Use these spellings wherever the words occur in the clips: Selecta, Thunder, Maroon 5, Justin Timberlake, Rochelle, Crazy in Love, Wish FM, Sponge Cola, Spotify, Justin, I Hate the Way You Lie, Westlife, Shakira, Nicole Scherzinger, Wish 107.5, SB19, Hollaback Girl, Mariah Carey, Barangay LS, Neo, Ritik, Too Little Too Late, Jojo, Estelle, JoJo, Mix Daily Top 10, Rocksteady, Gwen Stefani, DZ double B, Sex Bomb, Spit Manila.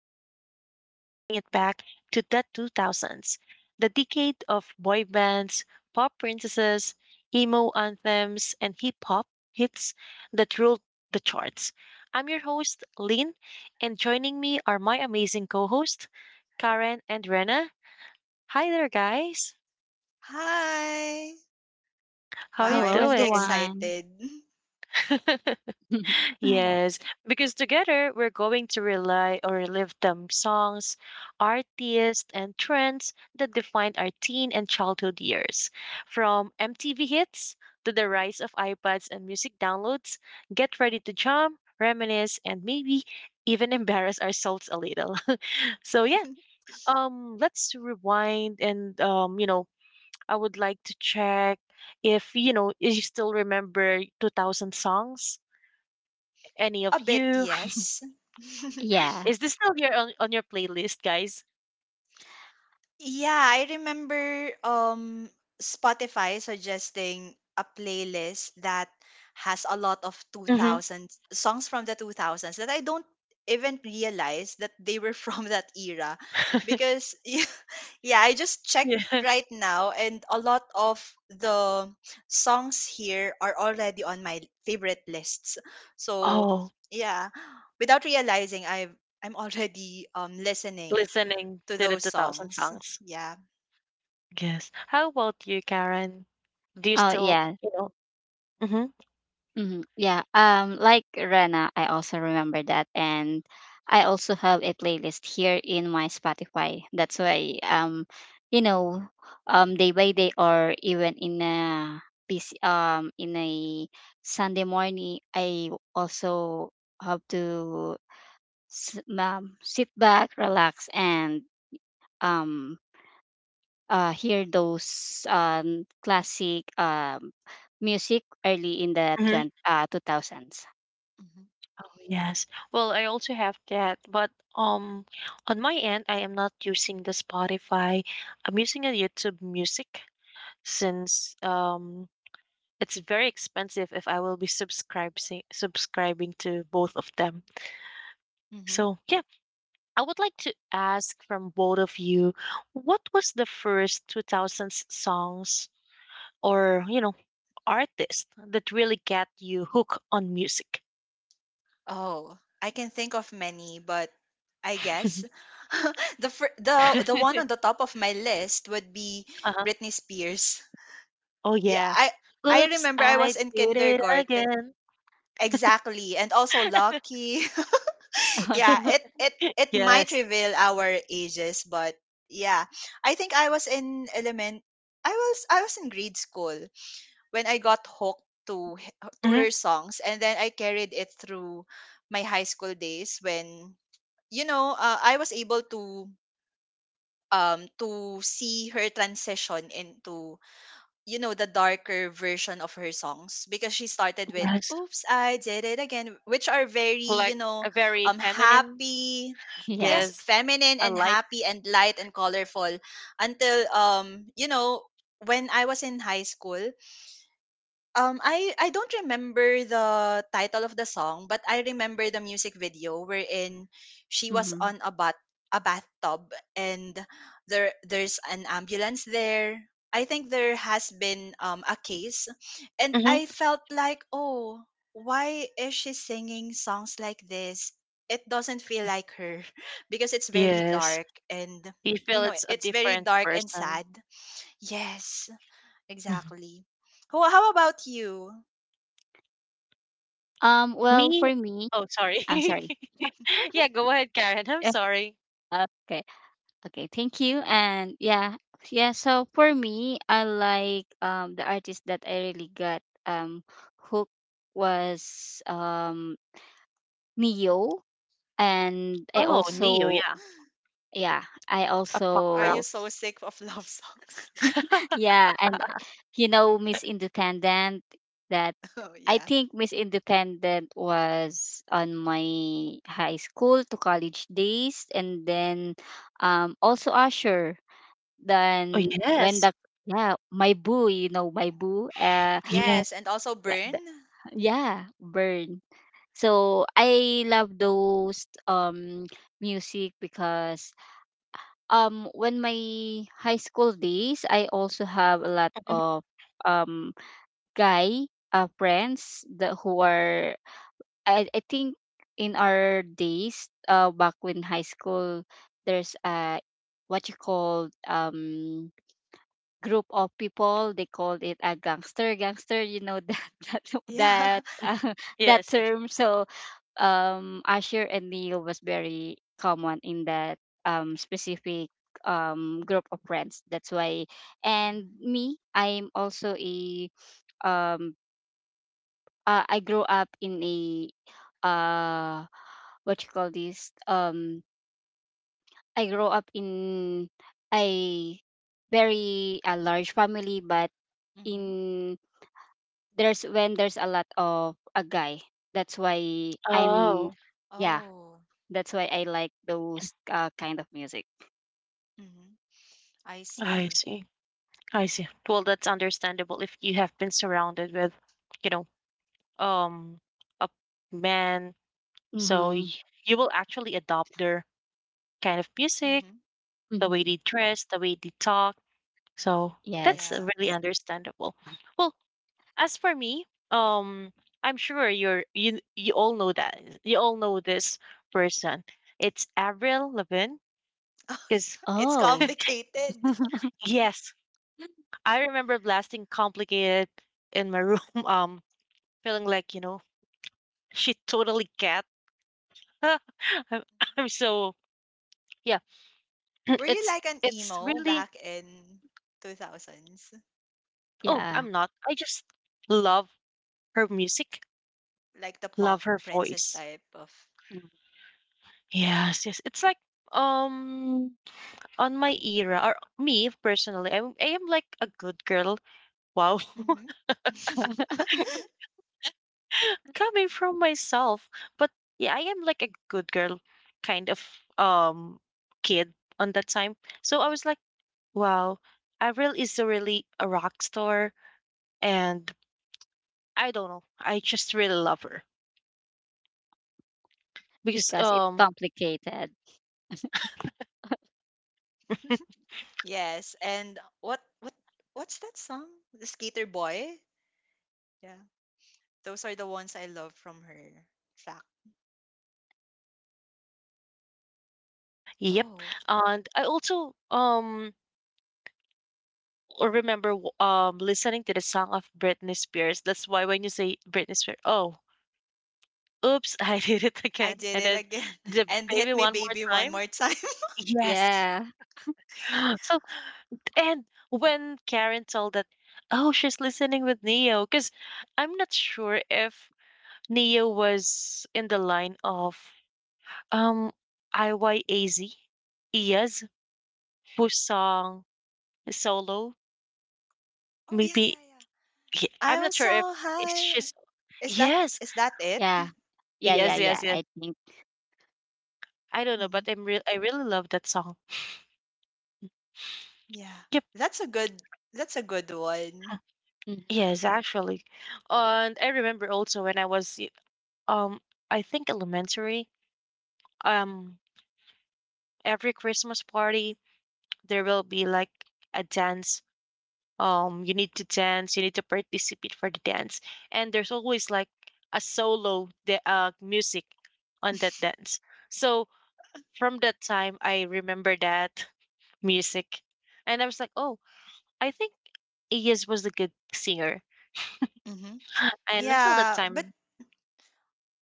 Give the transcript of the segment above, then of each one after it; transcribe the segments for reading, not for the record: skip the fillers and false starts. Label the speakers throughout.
Speaker 1: Today, we're throwing it back to the 2000s, the decade of boy bands, pop princesses, emo anthems, and hip hop hits that ruled the charts. I'm your host, Lean, and joining me are my amazing co hosts, Karen and Rena. Hi there, guys.
Speaker 2: Hi.
Speaker 1: How
Speaker 2: Wow,
Speaker 1: you
Speaker 3: Hello,
Speaker 2: I'm really
Speaker 1: doing?
Speaker 3: everyone.
Speaker 2: excited.
Speaker 1: Yes, because together we're going to rely or relive the songs, artists, and trends that defined our teen and childhood years. From MTV hits to the rise of iPads and music downloads, get ready to jump, reminisce, and maybe even embarrass ourselves a little. so yeah, um, let's rewind and I would like to check if you still remember 2000 songs, any of
Speaker 2: A bit,
Speaker 1: you.
Speaker 2: yes.
Speaker 3: Yeah.
Speaker 1: Is this still here on your playlist, guys?
Speaker 2: Yeah, I remember Spotify suggesting a playlist that has a lot of
Speaker 1: Mhm.
Speaker 2: 2000 songs from the 2000s that I don't even realize that they were from that era because yeah, I just checked
Speaker 1: Yeah.
Speaker 2: right now, and a lot of the songs here are already on my favorite lists. So,
Speaker 1: Oh.
Speaker 2: yeah, without realizing I'm already listening
Speaker 1: Listening
Speaker 2: to
Speaker 1: to the
Speaker 2: those
Speaker 1: 2000
Speaker 2: songs.
Speaker 1: songs.
Speaker 2: Yeah.
Speaker 1: Yes. How about you, Karen? Do you
Speaker 3: Oh,
Speaker 1: still,
Speaker 3: yeah.
Speaker 1: you know. Mhm.
Speaker 3: Yeah. Like Rena, I also remember that, and I also have a playlist here in my Spotify. That's why, you know, day by day or even in a busy, in a Sunday morning, I also have to sit back, relax, and um hear those classic music early in the
Speaker 1: Mhm.
Speaker 3: 20, 2000s.
Speaker 2: hmm
Speaker 1: Oh, yes. Well, I also have that, but, um, on my end, I am not using the Spotify. I'm using a YouTube Music since, it's very expensive if I will be subscribing to both of them.
Speaker 2: hmm
Speaker 1: So, yeah. I would like to ask from both of you, what was the first 2000s songs or, you know, artist that really got you hooked on music?
Speaker 2: Oh, I can think of many, but I guess the one
Speaker 1: Uh-huh.
Speaker 2: on the top of my list would be Britney Spears.
Speaker 1: Oh,
Speaker 2: Yeah,
Speaker 1: yeah.
Speaker 2: I
Speaker 1: Oops,
Speaker 2: remember I
Speaker 1: I
Speaker 2: was in
Speaker 1: did it
Speaker 2: kindergarten.
Speaker 1: again.
Speaker 2: Exactly, and also Lucky. Yeah, it it might
Speaker 1: Yes.
Speaker 2: reveal our ages, but yeah, I think I was in element. I was in grade school when I got hooked to her
Speaker 1: hmm
Speaker 2: songs, and then I carried it through my high school days when, you know, I was able to see her transition into, you know, the darker version of her songs because she started with
Speaker 1: Yes.
Speaker 2: "Oops I Did It Again," which are very, you
Speaker 1: Like
Speaker 2: know,
Speaker 1: a very feminine,
Speaker 2: happy.
Speaker 3: yeah.
Speaker 2: Yes,
Speaker 1: yes,
Speaker 2: feminine
Speaker 1: a
Speaker 2: and
Speaker 1: light.
Speaker 2: happy and light and colorful until, you know, when I was in high school, I don't remember the title of the song, but I remember the music video wherein she was
Speaker 3: hmm
Speaker 2: on a bathtub, and there's an ambulance there. I think there has been a case, and
Speaker 1: Hmm
Speaker 2: I felt like, oh, why is she singing songs like this? It doesn't feel like her because it's very
Speaker 1: Yes.
Speaker 2: dark and,
Speaker 1: You
Speaker 2: you
Speaker 1: feel
Speaker 2: know,
Speaker 1: it's a
Speaker 2: it's very
Speaker 1: different
Speaker 2: dark and
Speaker 1: person.
Speaker 2: sad. Yes,
Speaker 1: Mhm.
Speaker 2: exactly. Who? How about you?
Speaker 3: Well,
Speaker 1: Me?
Speaker 3: for me,
Speaker 1: Oh, sorry.
Speaker 3: sorry.
Speaker 1: Yeah, go ahead, Karen. I'm
Speaker 3: Eh,
Speaker 1: sorry.
Speaker 3: Okay. Okay. Thank you. And yeah. Yeah. So for me, I like the artist that I really got hooked was Neo. And I
Speaker 1: Oh, Neo,
Speaker 3: also,
Speaker 1: yeah,
Speaker 3: yeah, I
Speaker 1: a pop
Speaker 2: Are
Speaker 1: rock.
Speaker 2: you
Speaker 3: also,
Speaker 2: so sick of love songs?
Speaker 3: yeah. And you know, Miss Independent that
Speaker 2: Oh
Speaker 3: I
Speaker 2: yeah.
Speaker 3: think Miss Independent was on my high school to college days, and then also Usher.
Speaker 1: Oh,
Speaker 3: Then when
Speaker 1: yes.
Speaker 3: the Yeah, my boo, you know my
Speaker 2: Oh.
Speaker 3: boo,
Speaker 1: Yes.
Speaker 2: Yes, and also
Speaker 3: th-
Speaker 2: burn.
Speaker 3: th- yeah, burn. So I love those music because when my high school days, I also have a lot
Speaker 1: Mhm.
Speaker 3: of um guy friends that who are I think in our days, back when high school, there's a what you call group of people. They called it a gangster. Gangster, you know that that
Speaker 2: Yeah.
Speaker 3: that, uh, that
Speaker 1: Yes, yes.
Speaker 3: term. So Asher and Neil was very common in that specific group of friends. That's why, and me, I'm also a um. I grew up in a uh what you call this I grew up in a very a large family but
Speaker 2: Mm-hmm.
Speaker 3: in there's when there's a lot of a guy that's why I'm
Speaker 1: Oh,
Speaker 3: yeah
Speaker 2: Oh.
Speaker 3: that's why I like those kind of music.
Speaker 2: Hmm. I
Speaker 1: I
Speaker 2: see.
Speaker 1: see. I see. Well, that's understandable if you have been surrounded with, you know, um, a man, so
Speaker 3: Mm-hmm.
Speaker 1: you will actually adopt their kind of music,
Speaker 2: Hmm.
Speaker 1: the way
Speaker 3: Mm-hmm.
Speaker 1: they dress, the way they talk. So that's
Speaker 3: Yes.
Speaker 2: Yeah.
Speaker 1: really understandable. Well, as for me, um, I'm sure you all know this person. It's Avril Levin.
Speaker 2: Oh
Speaker 1: Because
Speaker 2: yeah. It's
Speaker 3: Oh,
Speaker 2: complicated.
Speaker 1: yes, I remember blasting "Complicated" in my room. Um, feeling like you know she totally cat. I'm, I'm so yeah.
Speaker 2: Were you
Speaker 1: It's
Speaker 2: like an
Speaker 1: it's
Speaker 2: emo
Speaker 1: really
Speaker 2: back in two thousands?
Speaker 1: oh
Speaker 3: yeah.
Speaker 1: I'm not. I just love her music.
Speaker 2: Like the
Speaker 1: Love
Speaker 2: punk
Speaker 1: her
Speaker 2: princess
Speaker 1: voice.
Speaker 2: type of.
Speaker 3: Mm.
Speaker 1: Yes, yes. It's like um on my era or me personally I am like a good girl wow.
Speaker 2: Hmm.
Speaker 1: Coming from myself but yeah I am like a good girl kind of kid on that time, so I was like wow, Avril is really a rock star. And I don't know, I just really love her because
Speaker 3: Because it's
Speaker 1: um.
Speaker 3: complicated.
Speaker 2: Yes. And what what's that song? The Skater Boy. Yeah. Those are the ones I love from her track.
Speaker 1: Yep.
Speaker 2: Oh,
Speaker 1: And I also remember listening to the song of Britney Spears. That's why when you say Britney Spears, oh "Oops, I did it
Speaker 2: I
Speaker 1: again,"
Speaker 2: did
Speaker 1: and
Speaker 2: it
Speaker 1: then
Speaker 2: again.
Speaker 1: the
Speaker 2: And hit
Speaker 1: baby
Speaker 2: me
Speaker 1: one more
Speaker 2: baby one
Speaker 1: time.
Speaker 2: more time.
Speaker 1: Yes.
Speaker 3: yeah
Speaker 1: So and when Karen told that, "Oh, she's listening with Neo," because 'cause I'm not sure if Neo was in the line of, um, IYAZ, Iyaz, whose song "Solo,"
Speaker 2: Oh yeah,
Speaker 1: maybe
Speaker 2: yeah.
Speaker 1: he. I'm
Speaker 2: I
Speaker 1: not
Speaker 2: was
Speaker 1: sure
Speaker 2: so
Speaker 1: if
Speaker 2: high.
Speaker 1: she's.
Speaker 2: Is that
Speaker 1: Yes.
Speaker 2: is that it?
Speaker 3: yeah yeah,
Speaker 1: Yes,
Speaker 3: yeah,
Speaker 1: yes, yes.
Speaker 3: I think.
Speaker 1: I don't know,
Speaker 2: Hmm.
Speaker 1: but I really love that song.
Speaker 2: Yeah.
Speaker 1: Yep.
Speaker 2: That's a good that's a good one.
Speaker 3: Mhm,
Speaker 1: Yes, actually. And I remember also when I was um I think elementary, um every Christmas party there will be like a dance. You need to dance, you need to participate for the dance. And there's always like a solo the music on that dance. So from that time I remember that music. And I was like, "Oh, I think Iyas was a good singer."
Speaker 2: Hmm.
Speaker 1: And until that
Speaker 2: Yeah, but
Speaker 1: time,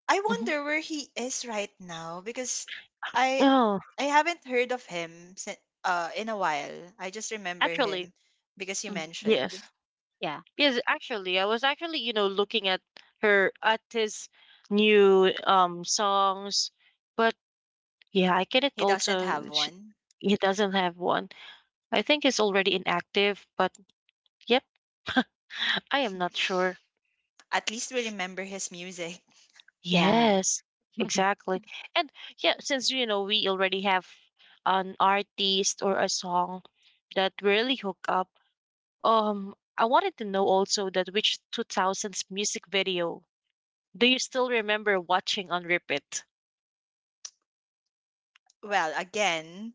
Speaker 2: I
Speaker 1: mhm.
Speaker 2: wonder where he is right now because I
Speaker 1: Oh,
Speaker 2: I haven't heard of him since, uh, in a while. I just remember
Speaker 1: actually,
Speaker 2: him because you
Speaker 3: mhm.
Speaker 2: mentioned
Speaker 1: yes.
Speaker 3: yeah
Speaker 1: Yes, actually, I was actually, you know, looking at her at his new songs, but yeah, I get it
Speaker 2: he doesn't have
Speaker 1: also. Sh
Speaker 2: one.
Speaker 1: he doesn't have one. I think he's already inactive, but yep. I am not sure.
Speaker 2: At least we remember his music.
Speaker 3: yeah.
Speaker 1: Yes, exactly. And yeah, since you know we already have an artist or a song that really hook up, I wanted to know also that which 2000s music video do you still remember watching on repeat?
Speaker 2: Well, again,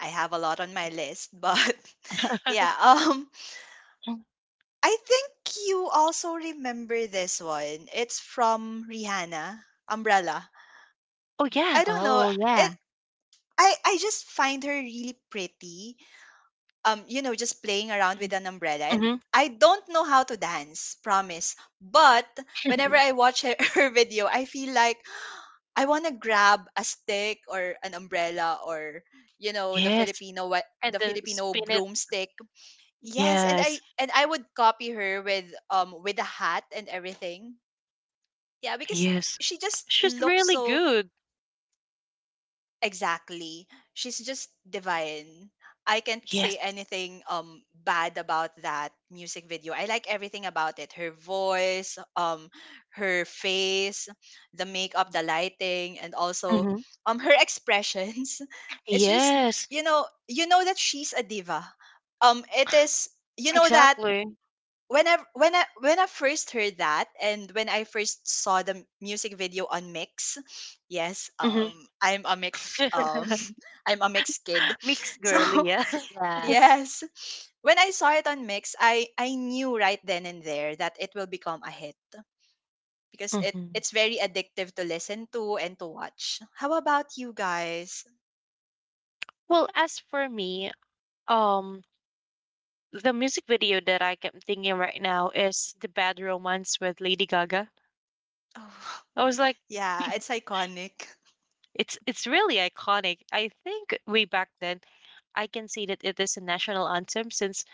Speaker 2: I have a lot on my list, but yeah,
Speaker 1: Mm.
Speaker 2: I think you also remember this one. It's from Rihanna, Umbrella.
Speaker 1: Oh, yeah.
Speaker 2: I don't know.
Speaker 3: Oh yeah
Speaker 2: It I just find her really pretty. You know, just playing around with an umbrella, and
Speaker 1: Mhm.
Speaker 2: I don't know how to dance, promise. But whenever I watch her, her video, I feel like I want to grab a stick or an umbrella or, you know, the
Speaker 1: Yes,
Speaker 2: Filipino, what
Speaker 1: and
Speaker 2: the
Speaker 1: then
Speaker 2: Filipino
Speaker 1: spin it.
Speaker 2: broomstick. Yes, and I
Speaker 1: Yes,
Speaker 2: and I would copy her with a hat and everything. Yeah, because
Speaker 1: yes.
Speaker 2: she just
Speaker 1: She's
Speaker 2: looks
Speaker 1: really
Speaker 2: so
Speaker 1: good.
Speaker 2: exactly. She's just divine. I can't say
Speaker 1: Yes.
Speaker 2: anything bad about that music video. I like everything about it. Her voice, her face, the makeup, the lighting, and also
Speaker 1: Mhm.
Speaker 2: her expressions. It's just,
Speaker 1: Yes,
Speaker 2: you know that she's a diva. It is, you know, that
Speaker 1: exactly.
Speaker 2: when I first heard that and when I first saw the music video on Mix, yes,
Speaker 1: Mhm.
Speaker 2: I'm a mix I'm a mix kid.
Speaker 1: Mixed
Speaker 2: So
Speaker 1: girly, yeah.
Speaker 3: yeah
Speaker 2: yes. When I saw it on Mix, I knew right then and there that it will become a hit because it
Speaker 1: Mhm.
Speaker 2: it's very addictive to listen to and to watch. How about you guys?
Speaker 1: Well, as for me, um, the music video that I kept thinking right now is the Bad Romance with Lady Gaga.
Speaker 2: Oh,
Speaker 1: I was like.
Speaker 2: yeah, it's iconic.
Speaker 1: It's really iconic. I think way back then, I can see that it is a national anthem since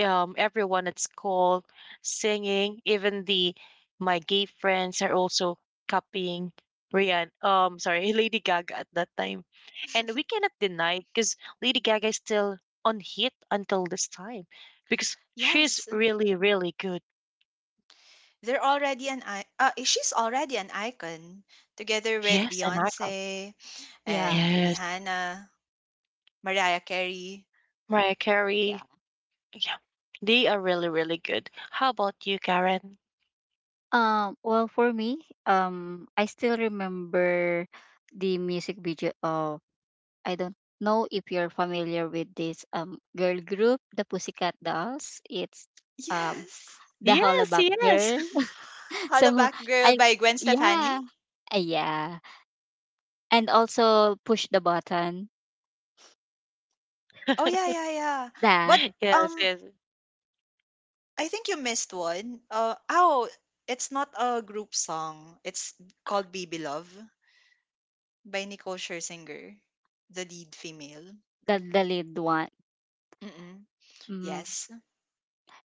Speaker 1: everyone at school singing, even the my gay friends are also copying Rihanna. Sorry, Lady Gaga at that time, and we cannot deny because Lady Gaga is still on hit until this time because she's
Speaker 2: Yes,
Speaker 1: really really good.
Speaker 2: they're already she's already an icon together with
Speaker 1: Yes, an icon.
Speaker 2: Beyonce
Speaker 3: yeah.
Speaker 2: and
Speaker 1: Yes,
Speaker 2: Rihanna, Mariah Carey.
Speaker 1: Mariah
Speaker 3: yeah
Speaker 1: Carey. Yeah. They are really, really good. How about you, Karen?
Speaker 3: Well, for me, I still remember the music video of I don't know if you're familiar with this girl group, the Pussycat Dolls. It's um
Speaker 2: Yes.
Speaker 3: the
Speaker 1: Yes,
Speaker 3: Hollaback
Speaker 1: yes.
Speaker 3: Girl. so
Speaker 2: Hollaback Girl
Speaker 3: I
Speaker 2: by Gwen
Speaker 3: yeah,
Speaker 2: Stefani.
Speaker 3: yeah, and also push the button,
Speaker 2: Oh yeah, yeah.
Speaker 3: the
Speaker 2: But
Speaker 1: Yes,
Speaker 2: um
Speaker 1: yes.
Speaker 2: I think you missed one. Uh oh, it's not a group song. It's called Baby Love by Nicole Scherzinger, the lead female.
Speaker 3: the lead one.
Speaker 2: Mm-mm.
Speaker 3: Mm-hmm.
Speaker 2: Yes.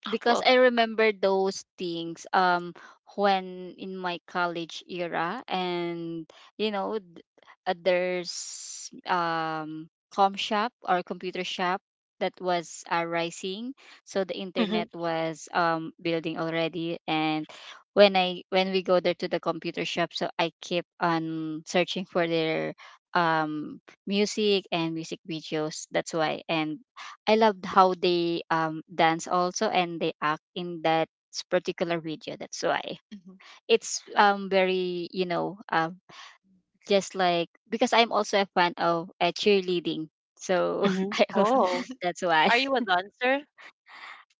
Speaker 3: Because
Speaker 1: Well,
Speaker 3: I remember those things when in my college era and you know there's com shop or computer shop that was rising, so the
Speaker 1: mhm,
Speaker 3: internet was building already, and when I when we go there to the computer shop, so I keep on searching for their um music and music videos. That's why, and I loved how they dance also and they act in that particular video. That's why
Speaker 2: Mhm.
Speaker 3: it's very you know just like because I'm also a fan of cheerleading, so
Speaker 1: mhm.
Speaker 3: I also-
Speaker 1: Oh,
Speaker 3: that's why
Speaker 1: are you a dancer?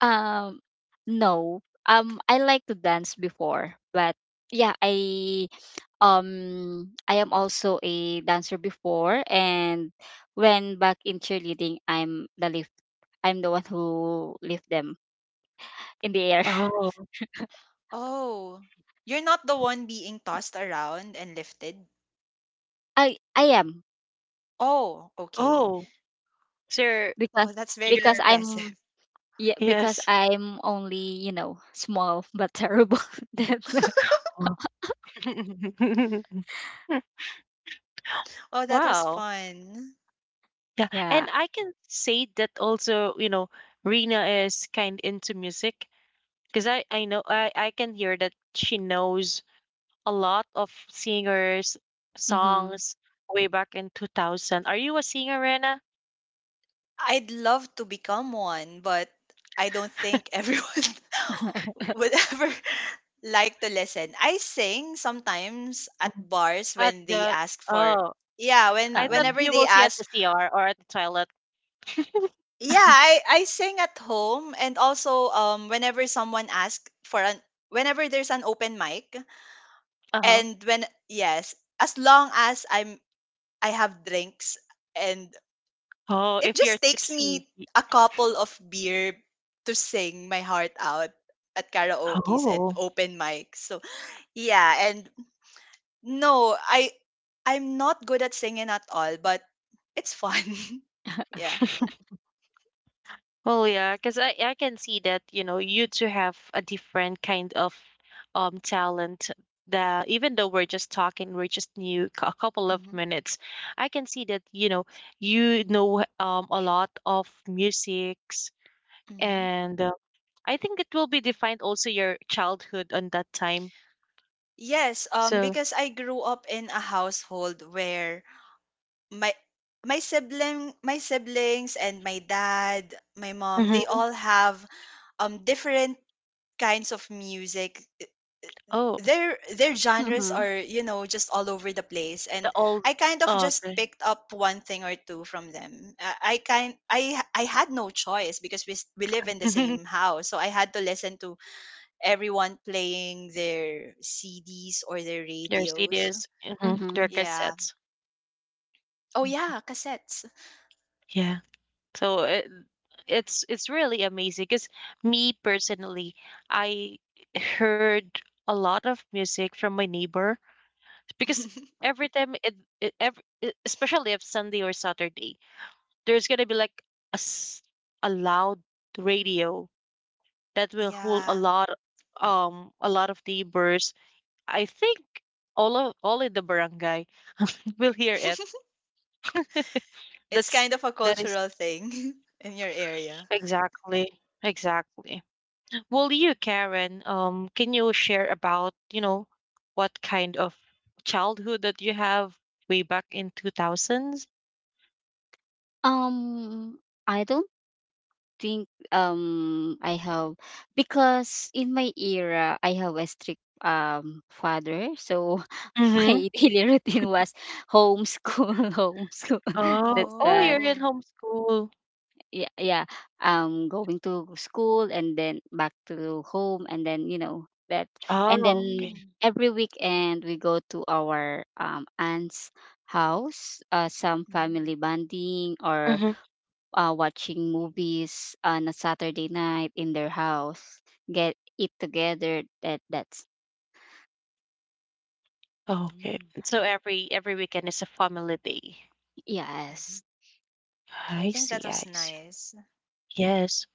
Speaker 3: um no, I like to dance before, but yeah I I am also a dancer before, and when back in cheerleading I'm the lift. I'm the one who lift them in the air.
Speaker 1: Oh,
Speaker 2: Oh, you're not the one being tossed around and lifted?
Speaker 3: I am,
Speaker 2: Oh, okay.
Speaker 1: oh. Sir,
Speaker 3: because
Speaker 2: Oh, that's very
Speaker 3: because
Speaker 1: you're,
Speaker 2: impressive.
Speaker 3: I'm yeah because
Speaker 1: yes.
Speaker 3: I'm only you know small but terrible. That's
Speaker 1: Wow.
Speaker 2: Oh, that was
Speaker 1: Wow.
Speaker 2: fun.
Speaker 1: Yeah.
Speaker 3: yeah.
Speaker 1: And I can say that also, you know, Rena is kind into music because I know I can hear that she knows a lot of singers,
Speaker 3: Mm-hmm.
Speaker 1: songs way back in 2000. Are you a singer, Rena?
Speaker 2: I'd love to become one, but I don't think everyone would ever like to listen. I sing sometimes at
Speaker 1: Mhm.
Speaker 2: bars
Speaker 1: At
Speaker 2: when they
Speaker 1: the
Speaker 2: ask for,
Speaker 1: oh,
Speaker 2: yeah, when
Speaker 1: I thought
Speaker 3: Uh,
Speaker 2: whenever
Speaker 1: you
Speaker 2: they
Speaker 1: will see at the
Speaker 2: ask,
Speaker 1: CR or at the toilet.
Speaker 2: yeah, I sing at home and also whenever someone asks for an, whenever there's an open mic,
Speaker 1: Uh huh.
Speaker 2: and when, yes, as long as I'm, I have drinks, and
Speaker 1: Oh,
Speaker 2: it
Speaker 1: if you're
Speaker 2: just takes
Speaker 1: tipsy.
Speaker 2: me a couple of beer to sing my heart out at karaoke's and
Speaker 1: Oh,
Speaker 2: open mics. So yeah. And no, I I'm not good at singing at all, but it's fun. Yeah.
Speaker 1: well, yeah, because I can see that you know you two have a different kind of talent. That even though we're just talking, we're just a couple of
Speaker 2: Mm-hmm.
Speaker 1: minutes. I can see that you know a lot of music
Speaker 2: Mm-hmm.
Speaker 1: and I think it will be defined also your childhood on that time.
Speaker 2: Yes,
Speaker 1: So,
Speaker 2: because I grew up in a household where my my siblings and my dad, my mom, they
Speaker 1: mhm.
Speaker 2: all have different kinds of music.
Speaker 1: Oh,
Speaker 2: Their genres
Speaker 3: mm-hmm.
Speaker 2: are, you know, just all over the place, and
Speaker 1: the old,
Speaker 2: I kind of
Speaker 1: oh,
Speaker 2: just
Speaker 1: okay.
Speaker 2: picked up one thing or two from them. I kind I h- I had no choice because we live in the same house, so I had to listen to everyone playing their CDs or their
Speaker 1: Their
Speaker 2: radios.
Speaker 1: CDs, mhm, their
Speaker 3: Mm-hmm.
Speaker 2: Yeah.
Speaker 1: cassettes.
Speaker 2: Oh
Speaker 1: Mm.
Speaker 2: yeah, cassettes.
Speaker 1: Yeah. So it's really amazing because me personally, I heard a lot of music from my neighbor because every time it, it every, especially if Sunday or Saturday, there's gonna be like a s- a loud radio that will hold
Speaker 2: Yeah.
Speaker 1: a lot of neighbors. I think all of all in the barangay will hear it.
Speaker 2: It's
Speaker 1: That's
Speaker 2: kind of a
Speaker 1: that is
Speaker 2: cultural thing in your area.
Speaker 1: exactly exactly. Well, you Karen, can you share about you know what kind of childhood that you have way back in two thousands?
Speaker 3: Um, I don't think I have, because in my era I have a strict father, so
Speaker 1: Mm-hmm.
Speaker 3: my daily routine was homeschool, homeschool.
Speaker 1: Oh,
Speaker 3: That's
Speaker 1: oh,
Speaker 3: why
Speaker 1: you're in
Speaker 2: Oh.
Speaker 1: homeschool.
Speaker 3: yeah. Um, going to school and then back to home, and then you know that, and
Speaker 1: Oh,
Speaker 3: then
Speaker 1: okay.
Speaker 2: Mm,
Speaker 3: every weekend we go to our aunt's house, some
Speaker 2: mm,
Speaker 3: family bonding or
Speaker 1: Mm-hmm.
Speaker 3: watching movies on a Saturday night in their house, get it together. That that's
Speaker 1: Okay.
Speaker 2: mm,
Speaker 1: So every weekend is a family day.
Speaker 2: mhm.
Speaker 3: Yes.
Speaker 2: I
Speaker 1: I
Speaker 2: think
Speaker 1: see.
Speaker 2: that
Speaker 1: I
Speaker 2: was
Speaker 1: see.
Speaker 2: nice.
Speaker 1: Yes.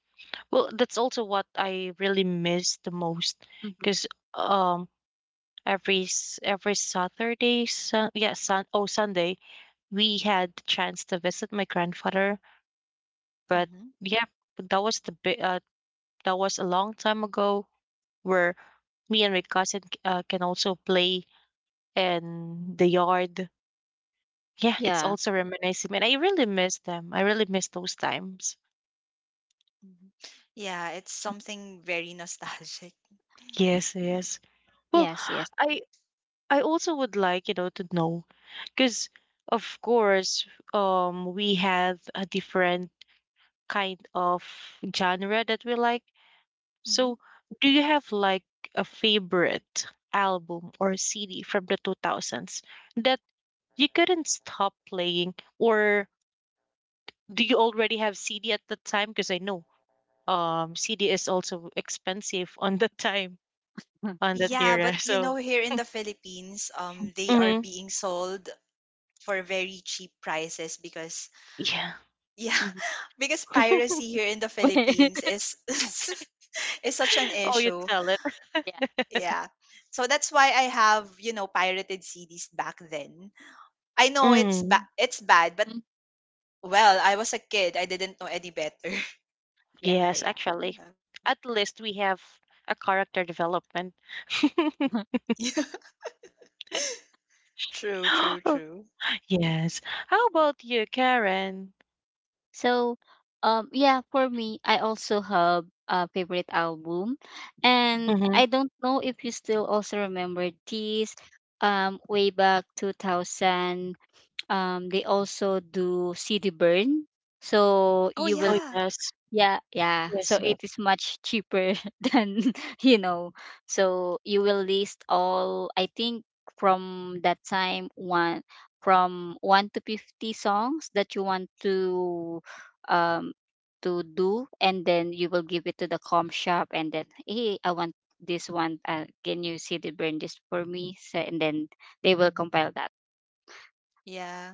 Speaker 1: Well, that's also what I really miss the most
Speaker 3: Mhm.
Speaker 1: because um every Saturday, Sunday, we had the chance to visit my grandfather. But
Speaker 2: Hmm.
Speaker 1: yeah, that was the bit. That was a long time ago where me and my cousin can also play in the yard. Yeah, it's
Speaker 3: Yeah.
Speaker 1: also reminiscing, and I really miss them. I really miss those times.
Speaker 2: Hmm. Yeah, it's something very nostalgic.
Speaker 1: Yes, yes. Well,
Speaker 3: Yes, yes.
Speaker 1: I I also would like, you know, to know because of course, we have a different kind of genre that we like.
Speaker 2: Hmm.
Speaker 1: So, do you have like a favorite album or CD from the 2000s that you couldn't stop playing, or do you already have CD at the time? Because I know CD is also expensive on that time on that
Speaker 2: Yeah,
Speaker 1: era.
Speaker 2: but you know,
Speaker 1: So,
Speaker 2: here in the Philippines, they are
Speaker 1: mhm,
Speaker 2: being sold for very cheap prices because,
Speaker 1: yeah.
Speaker 2: yeah,
Speaker 3: Mhm.
Speaker 2: because piracy here in the Philippines is is such an
Speaker 1: Oh, you
Speaker 2: issue.
Speaker 1: tell it.
Speaker 3: Yeah.
Speaker 2: Yeah. So that's why I have, you know, pirated CDs back then. I know
Speaker 1: Mm,
Speaker 2: it's bad, but
Speaker 3: Mm,
Speaker 2: well, I was a kid. I didn't know any better.
Speaker 3: yeah,
Speaker 1: yes,
Speaker 3: yeah.
Speaker 1: actually.
Speaker 2: Yeah.
Speaker 1: At least we have a character development.
Speaker 2: Yeah. True, true,
Speaker 1: Oh,
Speaker 2: true.
Speaker 1: yes. How about you, Karen?
Speaker 3: So, yeah, for me, I also have a favorite album, and
Speaker 1: Mm-hmm.
Speaker 3: I don't know if you still also remember this. Way back 2000, they also do CD Burn, so
Speaker 2: Oh
Speaker 3: you will
Speaker 1: Oh,
Speaker 2: yeah.
Speaker 1: yes.
Speaker 3: yeah, yeah.
Speaker 1: Yes,
Speaker 3: So
Speaker 1: yes.
Speaker 3: it is much cheaper than, you know. So you will list all, I think from that time one from 1 to 50 songs that you want to um do, and then you will give it to the com shop and then, "Hey, I want this one, can you see the burn this for me?" So, and then they will
Speaker 2: Hmm.
Speaker 3: compile that.
Speaker 2: Yeah.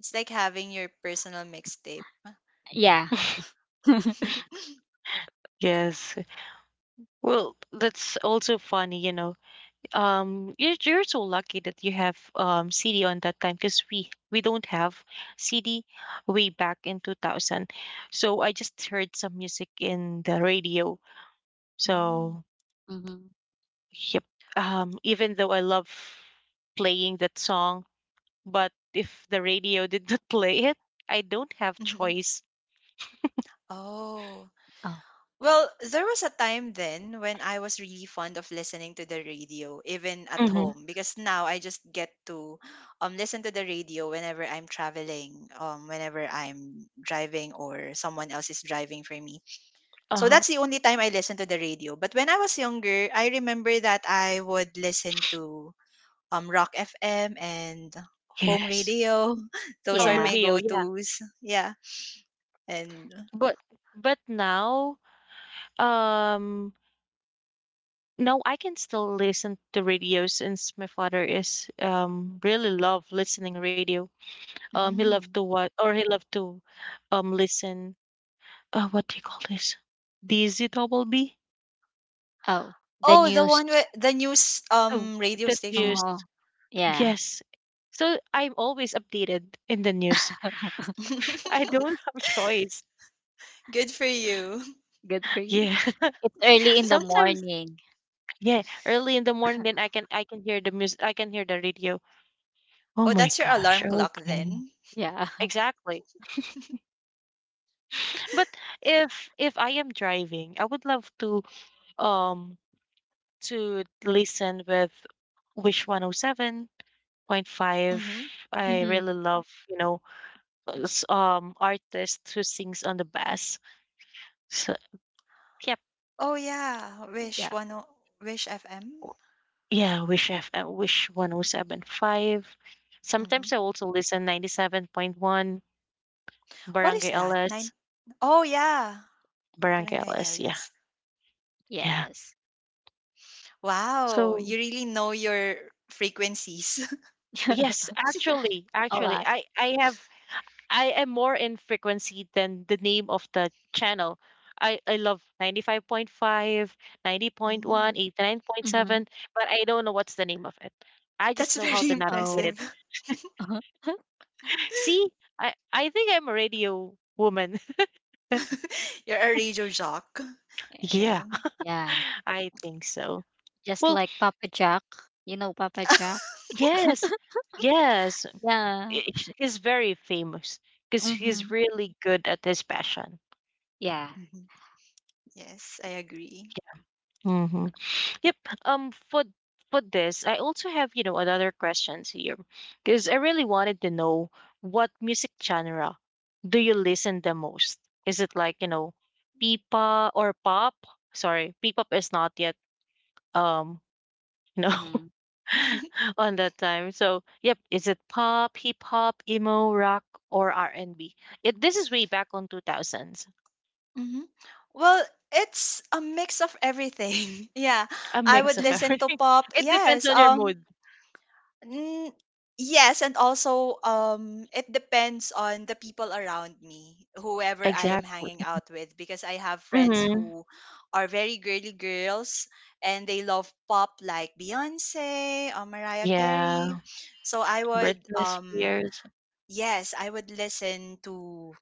Speaker 2: It's like having your personal mixtape.
Speaker 3: yeah
Speaker 1: Yes. Well, that's also funny, you know. You're so lucky that you have CD on that time because we don't have CD way back in 2000. So I just heard some music in the radio.
Speaker 2: Mm.
Speaker 1: So
Speaker 3: mm-hmm.
Speaker 1: yep. Even though I love playing that song, but if the radio did not play it, I don't have
Speaker 2: Mhm.
Speaker 1: choice.
Speaker 2: Oh.
Speaker 3: Oh
Speaker 2: Well, there was a time then when I was really fond of listening to the radio, even at
Speaker 1: Mm-hmm.
Speaker 2: home, because now I just get to listen to the radio whenever I'm traveling, whenever I'm driving or someone else is driving for me. So
Speaker 1: Uh,
Speaker 2: that's the only time I listen to the radio. But when I was younger, I remember that I would listen to Rock FM and home
Speaker 1: yes.
Speaker 2: radio. Those are
Speaker 1: Home
Speaker 3: yeah.
Speaker 2: my
Speaker 1: radio, yeah.
Speaker 2: go-tos. Yeah. And
Speaker 1: But but now, um, no, I can still listen to radio since my father is really love listening radio. He loved
Speaker 2: mm.
Speaker 1: to watch or he loved to listen. What do you call this? DZ double B?
Speaker 3: Oh, the
Speaker 2: Oh, the
Speaker 3: news.
Speaker 2: one with the news
Speaker 1: Oh,
Speaker 2: radio
Speaker 1: that
Speaker 2: station.
Speaker 1: news.
Speaker 3: Oh yeah.
Speaker 1: Yes. So I'm always updated in the news. I don't have choice.
Speaker 2: Good for you.
Speaker 3: Good for you.
Speaker 1: Yeah.
Speaker 3: It's early in the
Speaker 1: Sometimes,
Speaker 3: morning.
Speaker 1: yeah, early in the morning then I can hear the music, I can hear the radio. Oh
Speaker 2: Oh,
Speaker 1: my
Speaker 2: that's your
Speaker 1: gosh.
Speaker 2: alarm clock
Speaker 1: Okay.
Speaker 2: then.
Speaker 3: Yeah.
Speaker 1: Exactly. But if I am driving, I would love um to listen with Wish 107.5.
Speaker 2: Mm-hmm.
Speaker 1: I
Speaker 3: hmm
Speaker 1: really love, you know, artists who sings on the bass. So,
Speaker 2: Oh yeah,
Speaker 3: Yeah.
Speaker 2: Wish FM.
Speaker 1: yeah, Wish 107.5.
Speaker 2: Mm-hmm.
Speaker 1: Sometimes I also listen 97.1
Speaker 2: What is
Speaker 1: Barangay
Speaker 2: that?
Speaker 1: LS,
Speaker 2: Nine. Oh yeah,
Speaker 1: Barangay
Speaker 2: Barangay
Speaker 1: LS. Yeah.
Speaker 2: LS.
Speaker 1: Yeah.
Speaker 3: Yes.
Speaker 2: Wow,
Speaker 1: So,
Speaker 2: you really know your frequencies.
Speaker 1: yes,
Speaker 3: A
Speaker 1: actually
Speaker 3: lot.
Speaker 1: I have I am more in frequency than the name of the channel. I love 95.5, 90.1,
Speaker 2: Mm,
Speaker 1: eight nine point
Speaker 3: hmm
Speaker 1: seven. But I don't know what's the name of it. I
Speaker 2: that's
Speaker 1: just know how
Speaker 2: very
Speaker 1: to navigate
Speaker 3: Oh.
Speaker 1: it.
Speaker 2: impressive.
Speaker 1: See, I think I'm a radio woman.
Speaker 2: You're a radio jock.
Speaker 3: Eh,
Speaker 1: Yeah.
Speaker 2: Yeah.
Speaker 3: Yeah.
Speaker 1: I think so.
Speaker 3: Just
Speaker 1: Well,
Speaker 3: like Papa Jack. You know Papa Jack?
Speaker 1: yes, yes,
Speaker 3: Yeah.
Speaker 1: he's very famous because he's
Speaker 3: hmm
Speaker 1: really good at his passion.
Speaker 3: Yeah.
Speaker 2: Hmm. Yes, I agree.
Speaker 1: Mm-hmm. Yep. Um. For for this, I also have another questions here because I really wanted to know what music genre do you listen the most? Is it like pipa or pop? Sorry, p-pop is not yet um you know
Speaker 3: hmm
Speaker 1: on that time. So, yep, is it pop, hip hop, emo, rock, or R&B? It this is way back on 2000s.
Speaker 2: Hmm. Well, it's a mix of everything. Yeah,
Speaker 1: A
Speaker 2: I
Speaker 1: mix
Speaker 2: would
Speaker 1: of
Speaker 2: listen to
Speaker 1: everything.
Speaker 2: pop.
Speaker 1: It depends
Speaker 2: Yes.
Speaker 1: on your mood.
Speaker 2: N- yes, and also it depends on the people around me, whoever I am
Speaker 1: Exactly.
Speaker 2: hanging out with, because I have friends
Speaker 1: Hmm.
Speaker 2: who are very girly girls, and they love pop like Beyonce or Mariah
Speaker 1: Yeah,
Speaker 2: Carey. So I would
Speaker 1: Britney
Speaker 2: um.
Speaker 1: Spears.
Speaker 2: Yes, I would listen to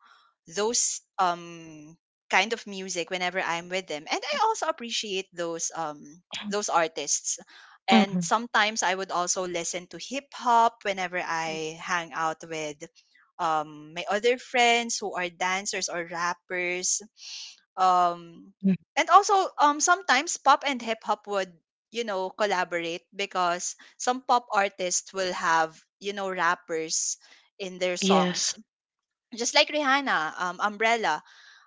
Speaker 2: those kind of music whenever I'm with them. And I also appreciate those artists.
Speaker 1: Hmm.
Speaker 2: And sometimes I would also listen to hip hop whenever I hang out with my other friends who are dancers or rappers. Um and also sometimes pop and hip hop would, you know, collaborate because some pop artists will have, you know, rappers in their songs,
Speaker 1: Yes.
Speaker 2: just like Rihanna, Umbrella.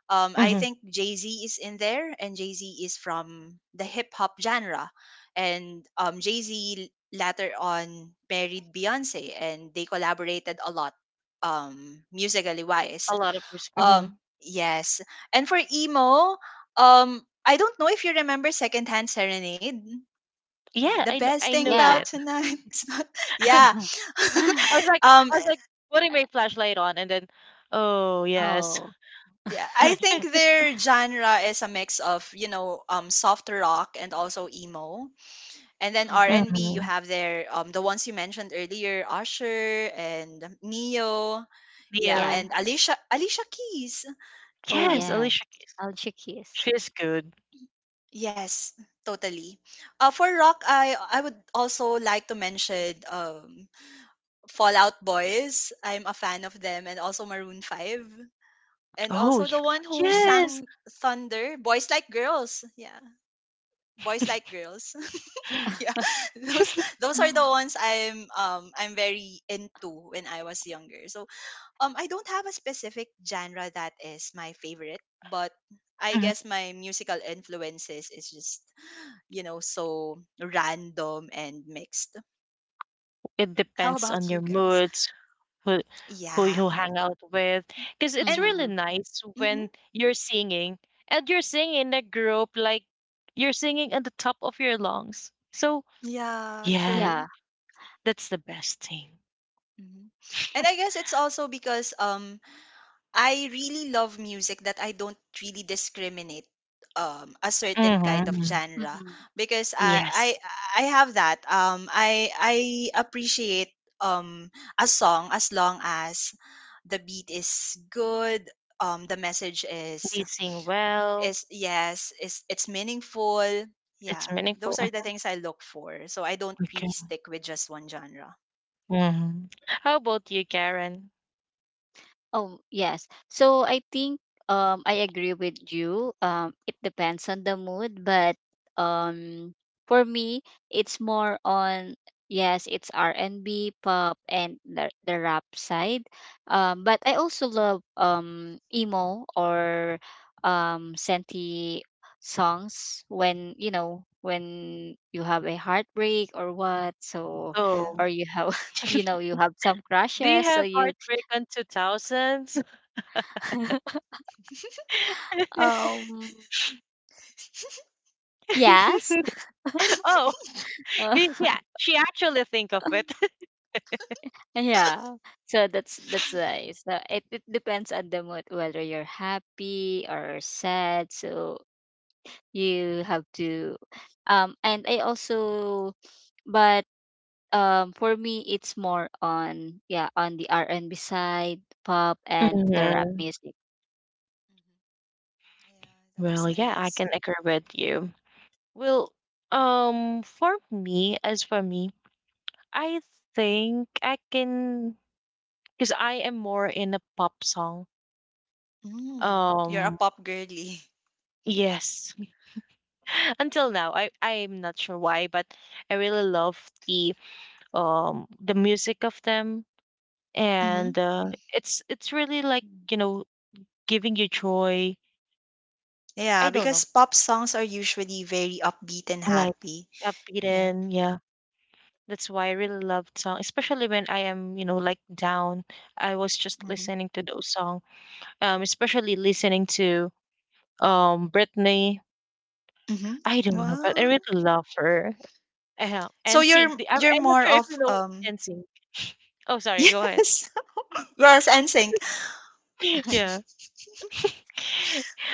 Speaker 2: I
Speaker 1: Hmm.
Speaker 2: think Jay Z is in there, and Jay Z is from the hip hop genre, and Jay Z later on married Beyonce, and they collaborated a lot, musically wise.
Speaker 1: A lot of music. Hmm.
Speaker 2: Yes, and for emo, I don't know if you remember Secondhand Serenade. Yeah,
Speaker 1: Yeah,
Speaker 2: "The
Speaker 1: I know.
Speaker 2: best
Speaker 1: I
Speaker 2: thing
Speaker 1: know
Speaker 3: Yeah.
Speaker 2: about
Speaker 1: that.
Speaker 2: tonight is not," yeah.
Speaker 1: I was like,
Speaker 2: um,
Speaker 1: I was like putting my flashlight on, and then, oh yes.
Speaker 3: oh.
Speaker 2: Yeah, I think their genre is a mix of, you know, soft rock and also emo, and then R
Speaker 3: hmm
Speaker 2: and B. You
Speaker 1: Hmm.
Speaker 2: have their the ones you mentioned earlier, Usher and Neo, yeah,
Speaker 3: Yeah.
Speaker 1: Leo.
Speaker 2: and Alicia Keys.
Speaker 3: Oh,
Speaker 2: Yeah,
Speaker 1: Yes,
Speaker 3: yeah.
Speaker 1: Alicia Keys.
Speaker 3: I'll check his.
Speaker 1: She's good.
Speaker 2: yes, totally. For rock, I would also like to mention Fallout Boys. I'm a fan of them, and also Maroon 5, and
Speaker 1: Oh,
Speaker 2: also
Speaker 1: yeah.
Speaker 2: the one who
Speaker 3: Oh, yeah.
Speaker 1: Yes.
Speaker 2: sang Thunder, Boys Like Girls. Yeah. Boys Like Girls. Yeah. those those are the ones I'm, I'm very into when I was younger. So I don't have a specific genre that is my favorite, but I
Speaker 1: Mhm.
Speaker 2: guess my musical influences is just, you know, so random and mixed.
Speaker 1: It
Speaker 2: How
Speaker 1: depends on
Speaker 2: about
Speaker 1: your
Speaker 2: you guys?
Speaker 1: moods, who who
Speaker 2: Yeah
Speaker 1: you hang out with, because it's
Speaker 2: and
Speaker 1: really
Speaker 3: hmm
Speaker 1: nice
Speaker 2: mhm,
Speaker 1: when you're singing and you're singing in a group, like you're singing at the top of your lungs. So
Speaker 2: yeah
Speaker 1: yeah,
Speaker 2: true.
Speaker 3: Yeah.
Speaker 1: that's the best thing.
Speaker 2: Mhm. And I guess it's also because I really love music that I don't really discriminate a certain kind of
Speaker 1: Hmm.
Speaker 2: genre
Speaker 3: Mm-hmm.
Speaker 2: because I I
Speaker 1: Yes,
Speaker 2: I have that I appreciate um a song as long as the beat is good, the message
Speaker 1: they sing well.
Speaker 2: is yes is it's meaningful.
Speaker 1: It's
Speaker 2: Yeah,
Speaker 1: meaningful.
Speaker 2: those are the
Speaker 1: Mhm.
Speaker 2: things I look for, so I don't
Speaker 1: Okay.
Speaker 2: really stick with just one genre.
Speaker 1: Hmm. How about you, Karen?
Speaker 3: Oh, yes. So I think I agree with you. It depends on the mood, but um for me it's more on yes, it's R&B, pop and the rap side. Um, but I also love emo or senti songs when, you know, when you have a heartbreak or what, so
Speaker 2: Yeah.
Speaker 1: Oh,
Speaker 3: or you have you know, you have some
Speaker 1: do you
Speaker 3: crushes, so
Speaker 1: have
Speaker 3: you
Speaker 1: heartbreak on 2000s?
Speaker 3: Um, yes.
Speaker 1: Oh,
Speaker 3: Uh,
Speaker 1: yeah, she actually think of it.
Speaker 3: yeah. So that's nice. So it depends on the mood whether you're happy or sad. So you have to and I also but for me it's more on yeah on the R&B side, pop and the rap
Speaker 1: Mhm.
Speaker 3: music.
Speaker 2: Mhm. Yeah, that was
Speaker 1: Well, yeah, I
Speaker 2: nice.
Speaker 1: can agree with you. Well, as for me, I think I can, because I am more in a pop song.
Speaker 2: Mm, you're a
Speaker 1: Um,
Speaker 2: pop girly.
Speaker 1: yes, until now, I'm not sure why, but I really love the music of them,
Speaker 2: Hmm.
Speaker 1: and it's really like you know giving you joy. I
Speaker 2: Yeah,
Speaker 1: don't know.
Speaker 2: because pop songs are usually very upbeat and
Speaker 1: Like
Speaker 2: happy. Yeah.
Speaker 1: upbeaten, yeah. That's why I really love song, especially when I am, like down. I was just
Speaker 2: Mm-hmm.
Speaker 1: listening to those song, especially listening to Britney.
Speaker 2: Mm-hmm.
Speaker 1: I don't know, but I
Speaker 2: Well,
Speaker 1: really love her. Uh,
Speaker 2: so
Speaker 1: and
Speaker 2: you're
Speaker 1: sing. I'm,
Speaker 2: you're
Speaker 1: I'm not
Speaker 2: more
Speaker 1: sure if you
Speaker 2: of
Speaker 1: know
Speaker 2: um.
Speaker 1: and sing. Oh, sorry. Go ahead.
Speaker 2: Yes. Yes, NSYNC.
Speaker 1: Yeah.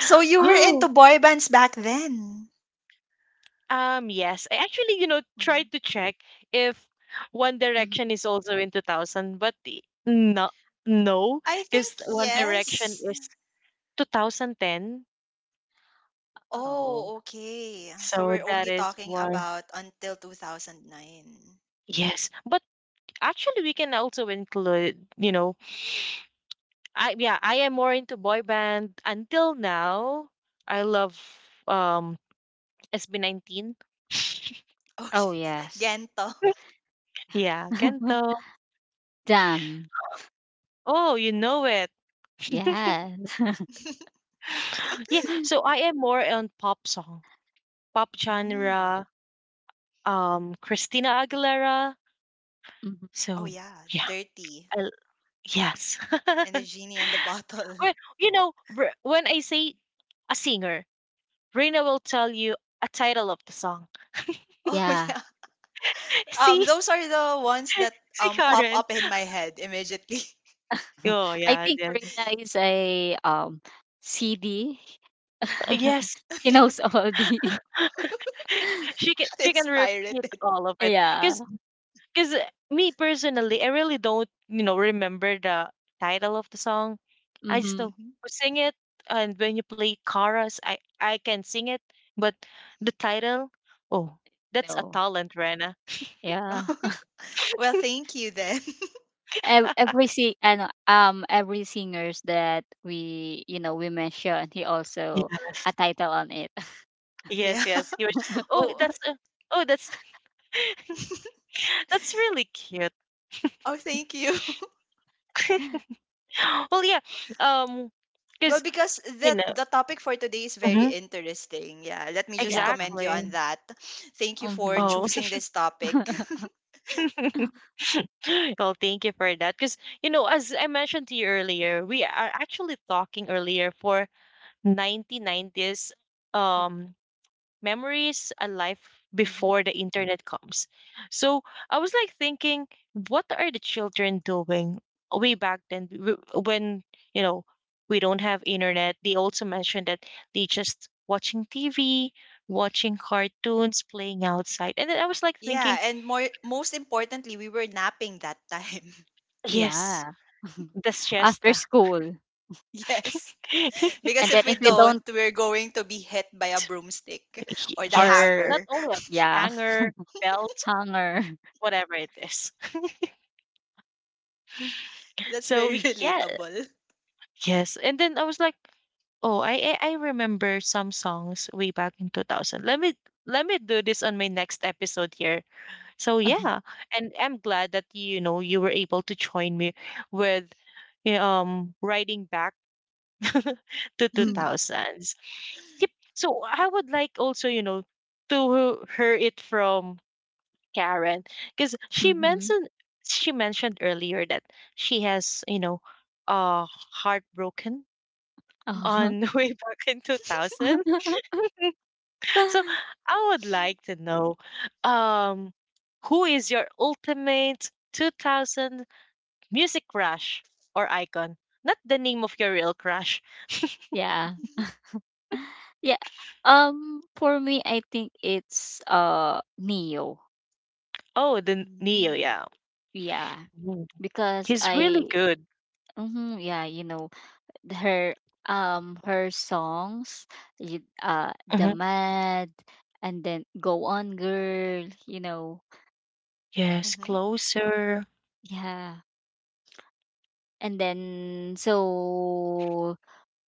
Speaker 2: So you were
Speaker 1: Oh.
Speaker 2: into boy bands back then.
Speaker 1: Yes. I actually,
Speaker 2: Mhm.
Speaker 1: tried to check if One
Speaker 3: Mhm.
Speaker 1: Direction is also in 2000, but no, no,
Speaker 2: I think
Speaker 1: because One
Speaker 3: I think
Speaker 1: Direction
Speaker 2: yes.
Speaker 1: is 2010.
Speaker 3: oh
Speaker 2: Oh, okay. So
Speaker 1: So
Speaker 2: we're
Speaker 1: that
Speaker 2: only
Speaker 1: is
Speaker 2: talking
Speaker 1: why.
Speaker 2: about until 2009.
Speaker 1: Yes, but actually we can also include, I yeah, I am more into boy band until now. I love um SB19.
Speaker 2: Oh,
Speaker 3: oh
Speaker 2: yes,
Speaker 3: yes.
Speaker 2: Gento.
Speaker 1: Yeah, Gento.
Speaker 3: Damn.
Speaker 1: Oh, you know it.
Speaker 3: Yes.
Speaker 1: Yeah, so I am more on pop song, pop
Speaker 2: Mm.
Speaker 1: genre, Christina Aguilera.
Speaker 3: Mhm.
Speaker 2: Oh
Speaker 1: So
Speaker 2: yeah,
Speaker 1: yeah,
Speaker 2: Dirty,
Speaker 1: I l- yes.
Speaker 2: and the Genie and the Bottle.
Speaker 1: Well, when I say a singer, Reina will tell you a title of the song.
Speaker 2: Oh,
Speaker 3: Yeah.
Speaker 2: yeah.
Speaker 1: See,
Speaker 2: Those are the ones that
Speaker 1: see,
Speaker 2: pop
Speaker 1: Karen.
Speaker 2: up in my head immediately.
Speaker 1: Oh
Speaker 3: I
Speaker 1: yeah,
Speaker 3: think
Speaker 1: yes,
Speaker 3: Reyna is a CD.
Speaker 1: Yes.
Speaker 3: He
Speaker 2: Yeah.
Speaker 3: knows all the
Speaker 1: she can she
Speaker 2: It's
Speaker 1: can repeat
Speaker 2: pirated.
Speaker 1: all of it because
Speaker 3: yeah.
Speaker 1: Because me personally, I really don't, remember the title of the song. I just
Speaker 3: Mm-hmm.
Speaker 1: know
Speaker 2: Mhm.
Speaker 1: who sing it, and when you play chorus, I can sing it, but the title, oh, that's a
Speaker 3: No.
Speaker 1: talent, Rena.
Speaker 3: Yeah.
Speaker 2: Well, thank you then.
Speaker 3: Every sing and every singers that we you know we mentioned, he also
Speaker 1: Yes,
Speaker 3: a title on it.
Speaker 1: yes,
Speaker 2: Yeah.
Speaker 1: yes. You were just like, oh,
Speaker 2: Oh,
Speaker 1: that's a, oh, that's that's really cute.
Speaker 2: oh, thank you.
Speaker 1: Well, yeah, um,
Speaker 2: Well,
Speaker 1: because
Speaker 2: because
Speaker 1: you
Speaker 2: that
Speaker 1: know,
Speaker 2: the topic for today is very
Speaker 1: Mhm.
Speaker 2: interesting. Yeah. Let me just
Speaker 3: yeah.
Speaker 2: commend you
Speaker 1: Exactly.
Speaker 2: on that. Thank you for
Speaker 3: Mm-hmm.
Speaker 1: Oh.
Speaker 2: choosing this topic.
Speaker 1: Well, thank you for that. Because, as I mentioned to you earlier, we are actually talking earlier for 1990s um, memories, a life
Speaker 2: Hmm.
Speaker 1: before the internet comes. So I was like thinking, what are the children doing way back then when, you know, we don't have internet? They also mentioned that they just watching TV, watching cartoons, playing outside. And then I was like thinking.
Speaker 2: Yeah, and more most importantly, we were napping that time.
Speaker 1: Yes.
Speaker 3: Yeah.
Speaker 1: The
Speaker 3: After
Speaker 1: siesta.
Speaker 3: school.
Speaker 2: Yes. Because
Speaker 3: And then
Speaker 2: if we
Speaker 3: if you
Speaker 2: don't,
Speaker 3: don't
Speaker 2: we're going to be hit by a broomstick
Speaker 1: Y
Speaker 2: or the
Speaker 1: yes,
Speaker 3: or
Speaker 1: not
Speaker 2: hanger.
Speaker 1: only a
Speaker 3: yeah,
Speaker 1: hanger, belt,
Speaker 3: hunger.
Speaker 1: whatever it is.
Speaker 2: That's
Speaker 1: So,
Speaker 2: very
Speaker 1: yeah,
Speaker 2: relatable.
Speaker 1: yes, and then I was like, "Oh, I remember some songs way back in 2000. Let me do this on my next episode here." So, yeah, and I'm glad that, you were able to join me with, y riding back to 2000s. Yep. So I would like also, to hear it from Karen because she
Speaker 3: Mm-hmm.
Speaker 1: mentioned she mentioned earlier that she has, uh heartbroken
Speaker 2: Mhm.
Speaker 1: on way back in 2000. So I would like to know um who is your ultimate 2000 music crush or icon? Not the name of your real crush.
Speaker 3: yeah. Yeah. Um, for me I think it's Neo.
Speaker 1: Oh, the Neo,
Speaker 2: Mm-hmm.
Speaker 1: yeah.
Speaker 3: Yeah.
Speaker 1: Mm.
Speaker 3: Because
Speaker 1: He's really
Speaker 3: I
Speaker 1: good.
Speaker 3: mhm, yeah, you know, her her songs The
Speaker 1: Mm-hmm.
Speaker 3: Mad and then Go On Girl, you know.
Speaker 1: Yes, closer.
Speaker 3: Yeah. And then so,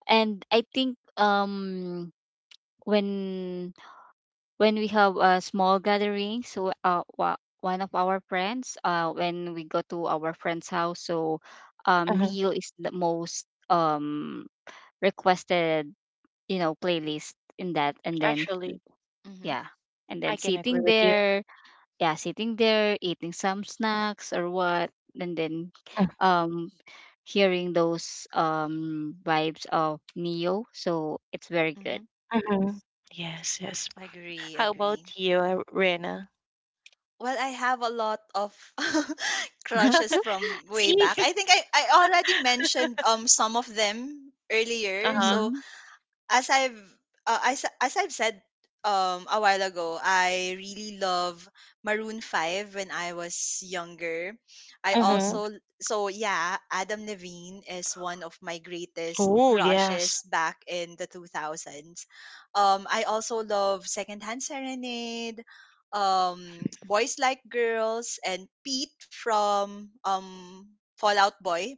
Speaker 3: and I think when when we have a small gathering, so one of our friends, when we go to our friend's house, so
Speaker 1: Mhm.
Speaker 3: Neo is the most requested you know playlist in that, and then
Speaker 1: Actually,
Speaker 2: Mhm.
Speaker 3: yeah and then
Speaker 1: I can agree
Speaker 3: sitting
Speaker 1: with you.
Speaker 3: there, yeah sitting there eating some snacks or what, and then
Speaker 1: Mm,
Speaker 3: um hearing those vibes of Neo, so it's very good.
Speaker 2: Mm-hmm.
Speaker 1: mhm. Yes, yes.
Speaker 2: Agree,
Speaker 1: How
Speaker 2: agree.
Speaker 1: about you, Rena?
Speaker 2: Well, I have a lot of crushes from way
Speaker 1: See?
Speaker 2: back. I think I already mentioned some of them earlier.
Speaker 1: Uh-huh.
Speaker 2: So
Speaker 3: Mm-hmm.
Speaker 2: as I've as I've said a while ago, I really love Maroon 5 when I was younger. I
Speaker 1: Mm-hmm.
Speaker 3: Mm-hmm.
Speaker 2: also so yeah, Adam Levine is one of my greatest
Speaker 1: Oh, yes.
Speaker 2: crushes back in the 2000s. I also love Secondhand Serenade, Boys Like Girls, and Pete from Fallout Boy.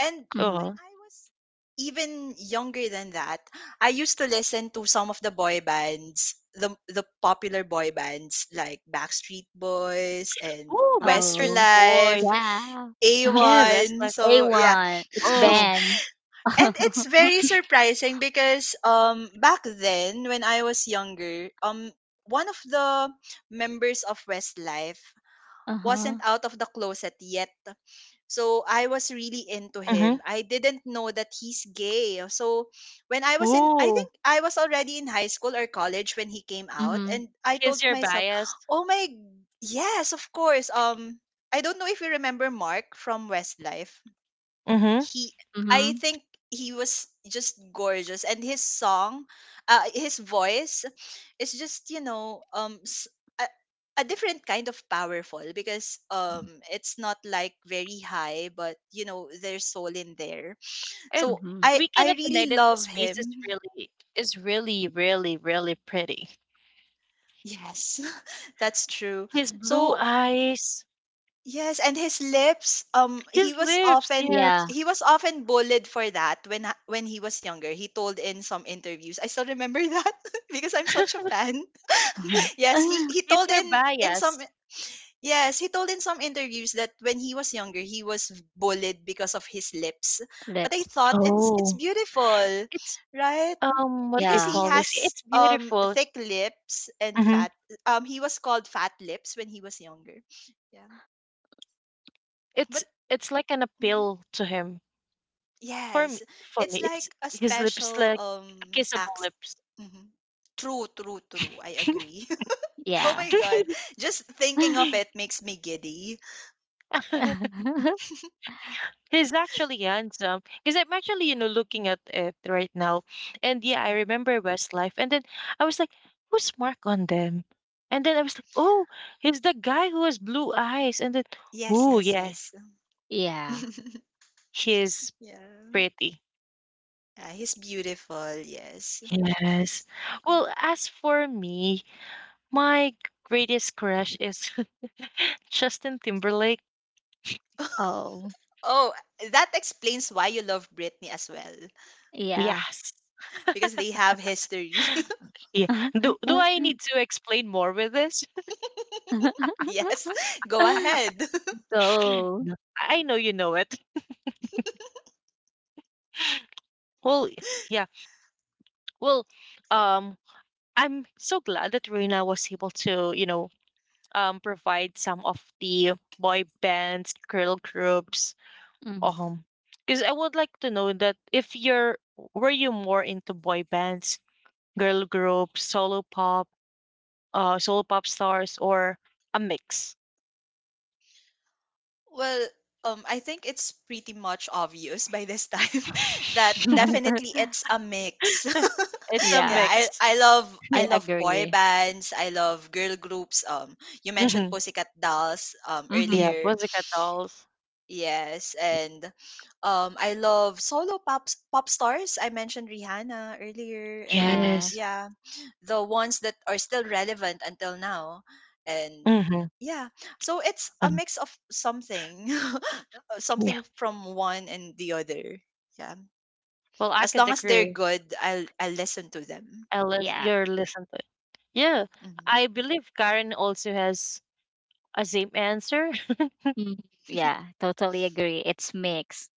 Speaker 2: And
Speaker 3: Mm-hmm.
Speaker 2: when
Speaker 1: Uh-huh.
Speaker 2: I was even younger than that, I used to listen to some of the boy bands, the popular boy bands like Backstreet Boys and
Speaker 1: Oh, Backstreet
Speaker 3: Oh
Speaker 1: Boys.
Speaker 2: Westlife,
Speaker 3: yeah.
Speaker 1: Yeah,
Speaker 2: A1.
Speaker 1: Westlife.
Speaker 2: So yeah.
Speaker 3: A1. It's
Speaker 1: Oh.
Speaker 3: Ben.
Speaker 2: And it's very surprising because back then when I was younger, um, one of the members of Westlife wasn't
Speaker 3: Uh-huh.
Speaker 2: out of the closet yet. So I was really into
Speaker 1: Mm-hmm.
Speaker 2: him. I didn't know that he's gay. So when I was in, I
Speaker 1: Oh.
Speaker 2: think I was already in high school or college when he came out,
Speaker 3: Mm-hmm.
Speaker 2: and I
Speaker 1: Here's
Speaker 2: told
Speaker 1: your
Speaker 2: myself,
Speaker 1: bias.
Speaker 2: "Oh my, yes, of course." I don't know if you remember Mark from Westlife.
Speaker 1: Mm-hmm.
Speaker 2: He I
Speaker 3: Mm-hmm.
Speaker 2: think he was just gorgeous, and his song, his voice is just, you know, a, a different kind of powerful, because it's not like very high, but you know, there's soul in there,
Speaker 1: And
Speaker 2: so
Speaker 3: Mm-hmm.
Speaker 2: I
Speaker 1: we
Speaker 2: I
Speaker 1: cannot deny
Speaker 2: really
Speaker 1: that
Speaker 2: love
Speaker 1: his face is
Speaker 2: him.
Speaker 1: really is really, really, really pretty.
Speaker 2: Yes, that's true.
Speaker 1: His blue
Speaker 2: So
Speaker 1: eyes.
Speaker 2: yes, and his lips.
Speaker 1: His lips, yes.
Speaker 3: Yeah.
Speaker 2: He was often bullied for that when when he was younger. He told in some interviews. I still remember that, because I'm such a fan. Yes, he
Speaker 1: He's
Speaker 2: told
Speaker 1: your
Speaker 2: in some
Speaker 1: bias.
Speaker 2: yes, he told in some interviews that when he was younger he was bullied because of his lips. But I
Speaker 3: Lips.
Speaker 2: thought it's
Speaker 1: Oh.
Speaker 2: beautiful,
Speaker 1: It's,
Speaker 2: right?
Speaker 1: what do you
Speaker 2: Because
Speaker 3: Yeah.
Speaker 2: he
Speaker 1: call this?
Speaker 2: has
Speaker 1: It's beautiful.
Speaker 2: thick lips and
Speaker 1: Mm-hmm.
Speaker 2: fat. He was called fat lips when he was younger. Yeah,
Speaker 1: It's
Speaker 2: but.
Speaker 1: it's like an appeal to him. For me,
Speaker 2: Yes,
Speaker 1: for me,
Speaker 2: it's
Speaker 1: it's
Speaker 2: like a
Speaker 1: his lips
Speaker 2: special
Speaker 1: like a kissable
Speaker 2: acts.
Speaker 1: lips.
Speaker 2: Mhm. True, true, true. I agree. Oh my
Speaker 3: Yes.
Speaker 2: god, just thinking of it makes me giddy.
Speaker 1: He's actually handsome because I'm actually, looking at it right now. And yeah, I
Speaker 2: Mhm.
Speaker 1: remember Westlife. And then I was like, who's Mark on them? And then I was like, oh, he's the guy who has blue eyes. And then,
Speaker 2: Yes,
Speaker 1: oh,
Speaker 2: yes,
Speaker 1: yeah,
Speaker 2: yes.
Speaker 3: yeah.
Speaker 1: he is
Speaker 2: Yeah.
Speaker 1: pretty.
Speaker 2: Yeah, he's beautiful. Yes,
Speaker 1: Yes.
Speaker 2: he's.
Speaker 1: Well, as for me, my greatest crush is Justin Timberlake.
Speaker 3: Oh.
Speaker 2: Oh, that explains why you love Britney as well,
Speaker 3: Yeah.
Speaker 1: Yes.
Speaker 2: because they have history.
Speaker 1: Yeah. Do I need to explain more with this?
Speaker 2: Yes, go ahead.
Speaker 3: Go.
Speaker 1: No. I know you know it. Well, yeah. Well, um, I'm so glad that Reina was able to, provide some of the boy bands, girl groups.
Speaker 3: hmm
Speaker 1: Um, because I would like to know that if you're were you more into boy bands girl group, solo pop stars, or a mix?
Speaker 2: Well, I think it's pretty much obvious by this time that definitely it's a mix.
Speaker 1: It's a
Speaker 2: Yeah,
Speaker 3: yeah.
Speaker 1: mix.
Speaker 2: I
Speaker 3: I
Speaker 2: love boy
Speaker 3: agree.
Speaker 2: bands, I love girl groups. You mentioned
Speaker 1: Hmm.
Speaker 2: Pussycat Dolls
Speaker 3: Mm-hmm.
Speaker 1: Yeah,
Speaker 2: earlier.
Speaker 1: Pussycat Dolls.
Speaker 2: Yes, and I love solo pop stars. I mentioned Rihanna earlier, and
Speaker 3: Yeah.
Speaker 1: Yes.
Speaker 2: yeah, the ones that are still relevant until now, and
Speaker 1: Mm-hmm.
Speaker 2: yeah, so it's a
Speaker 1: And
Speaker 2: mix of something.
Speaker 1: yeah.
Speaker 2: Something from one and the other. Yeah.
Speaker 1: Well, I
Speaker 2: As
Speaker 1: could
Speaker 2: long as they're
Speaker 1: agree.
Speaker 2: good, I'll listen to them.
Speaker 1: Alice,
Speaker 3: Yeah.
Speaker 1: you're listening to it. Yeah,
Speaker 2: Hmm.
Speaker 1: I believe Karen also has a same answer.
Speaker 3: mm Yeah. Totally agree. It's mixed.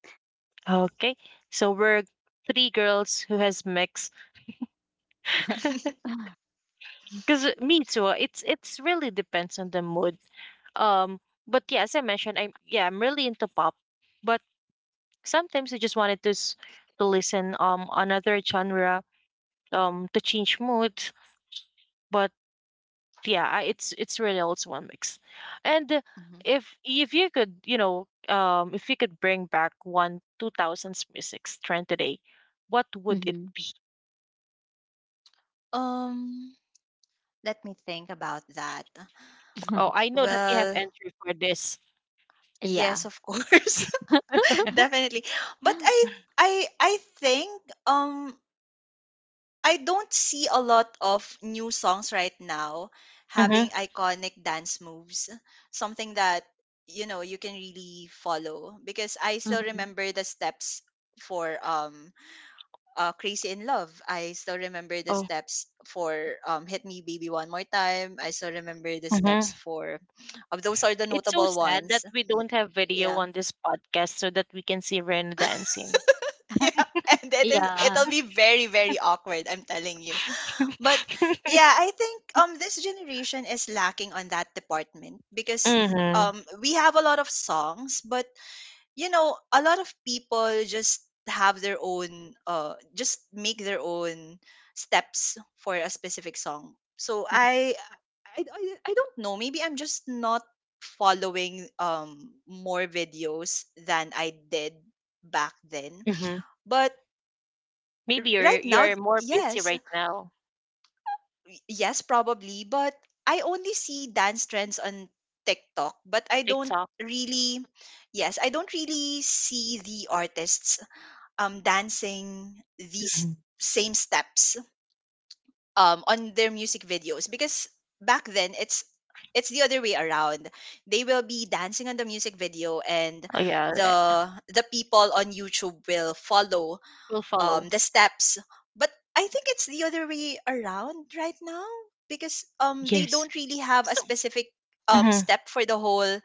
Speaker 1: Okay, so we're three girls who has mix. Because me too, it's really depends on the mood. Um, but yeah, as I mentioned, I'm yeah, I'm really into pop, but sometimes I just wanted to to listen another genre to change mood. But yeah, it's really also one mix. And
Speaker 2: Hmm.
Speaker 1: if you could, you know, if you could bring back one 2000s music trend today, what would it
Speaker 3: mm-hmm.
Speaker 1: be?
Speaker 2: Um, let me think about that.
Speaker 1: Oh, I know that you have
Speaker 2: Well,
Speaker 1: entry for this.
Speaker 3: Yeah.
Speaker 2: yes, of course. Definitely. But I I I think um I don't see a lot of new songs right now having
Speaker 1: Mm-hmm.
Speaker 2: iconic dance moves. Something that you know you can really follow because I still
Speaker 3: Mhm.
Speaker 2: remember the steps for Crazy in Love. I still remember the
Speaker 1: Oh.
Speaker 2: steps for, Hit Me Baby One More Time. I still remember the steps
Speaker 1: Mm-hmm.
Speaker 2: for those are the
Speaker 1: It's so
Speaker 2: notable
Speaker 1: sad
Speaker 2: ones.
Speaker 1: that we don't have video
Speaker 2: Yeah.
Speaker 1: on this podcast so that we can see Ren dancing.
Speaker 2: Yeah. And it is,
Speaker 3: Yeah.
Speaker 2: it'll be very, very awkward, I'm telling you. But yeah, I think this generation is lacking on that department because
Speaker 1: Mm-hmm.
Speaker 2: we have a lot of songs, but you know, a lot of people just have their own just make their own steps for a specific song. So
Speaker 3: Mm.
Speaker 2: I, I I don't know, maybe I'm just not following more videos than I did back then.
Speaker 1: Mm-hmm.
Speaker 2: But
Speaker 1: Maybe you're
Speaker 2: right now,
Speaker 1: you're more busy
Speaker 2: yes,
Speaker 1: right now.
Speaker 2: yes probably, but I only see dance trends on TikTok, but I don't
Speaker 1: TikTok.
Speaker 2: really yes, I don't really see the artists, dancing these
Speaker 1: Mhm.
Speaker 2: same steps, on their music videos, because back then it's the other way around, they will be dancing on the music video, and
Speaker 1: Oh yeah,
Speaker 2: the people on YouTube will follow,
Speaker 1: we'll follow.
Speaker 2: the steps. But I think it's the other way around right now, because they
Speaker 1: Yes.
Speaker 2: don't really have a
Speaker 1: So.
Speaker 2: specific
Speaker 1: Mhm.
Speaker 2: step for the whole,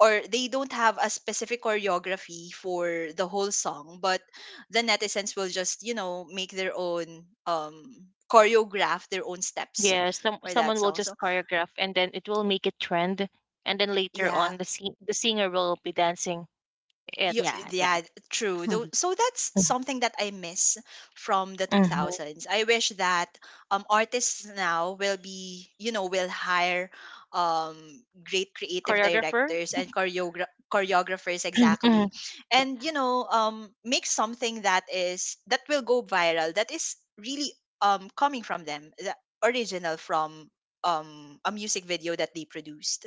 Speaker 2: or they don't have a specific choreography for the whole song, but the netizens will just, you know, make their own choreograph their own steps
Speaker 1: Yeah, some
Speaker 2: for that
Speaker 1: someone will
Speaker 2: song.
Speaker 1: just
Speaker 2: So
Speaker 1: choreograph and then it will make it trend, and then later
Speaker 2: yeah.
Speaker 1: on the singer will be dancing
Speaker 2: You,
Speaker 1: it.
Speaker 3: Yeah,
Speaker 2: yeah, true.
Speaker 3: yeah.
Speaker 2: Though, so that's something that I miss from the
Speaker 1: Mhm.
Speaker 2: 2000s. I wish that artists now will be, you know, will hire um great creative
Speaker 1: Choreographer.
Speaker 2: directors and choreographers exactly.
Speaker 1: Mhm.
Speaker 3: Yeah.
Speaker 2: And you know, make something that is that will go viral, that is really coming from them, the original from a music video that they produced.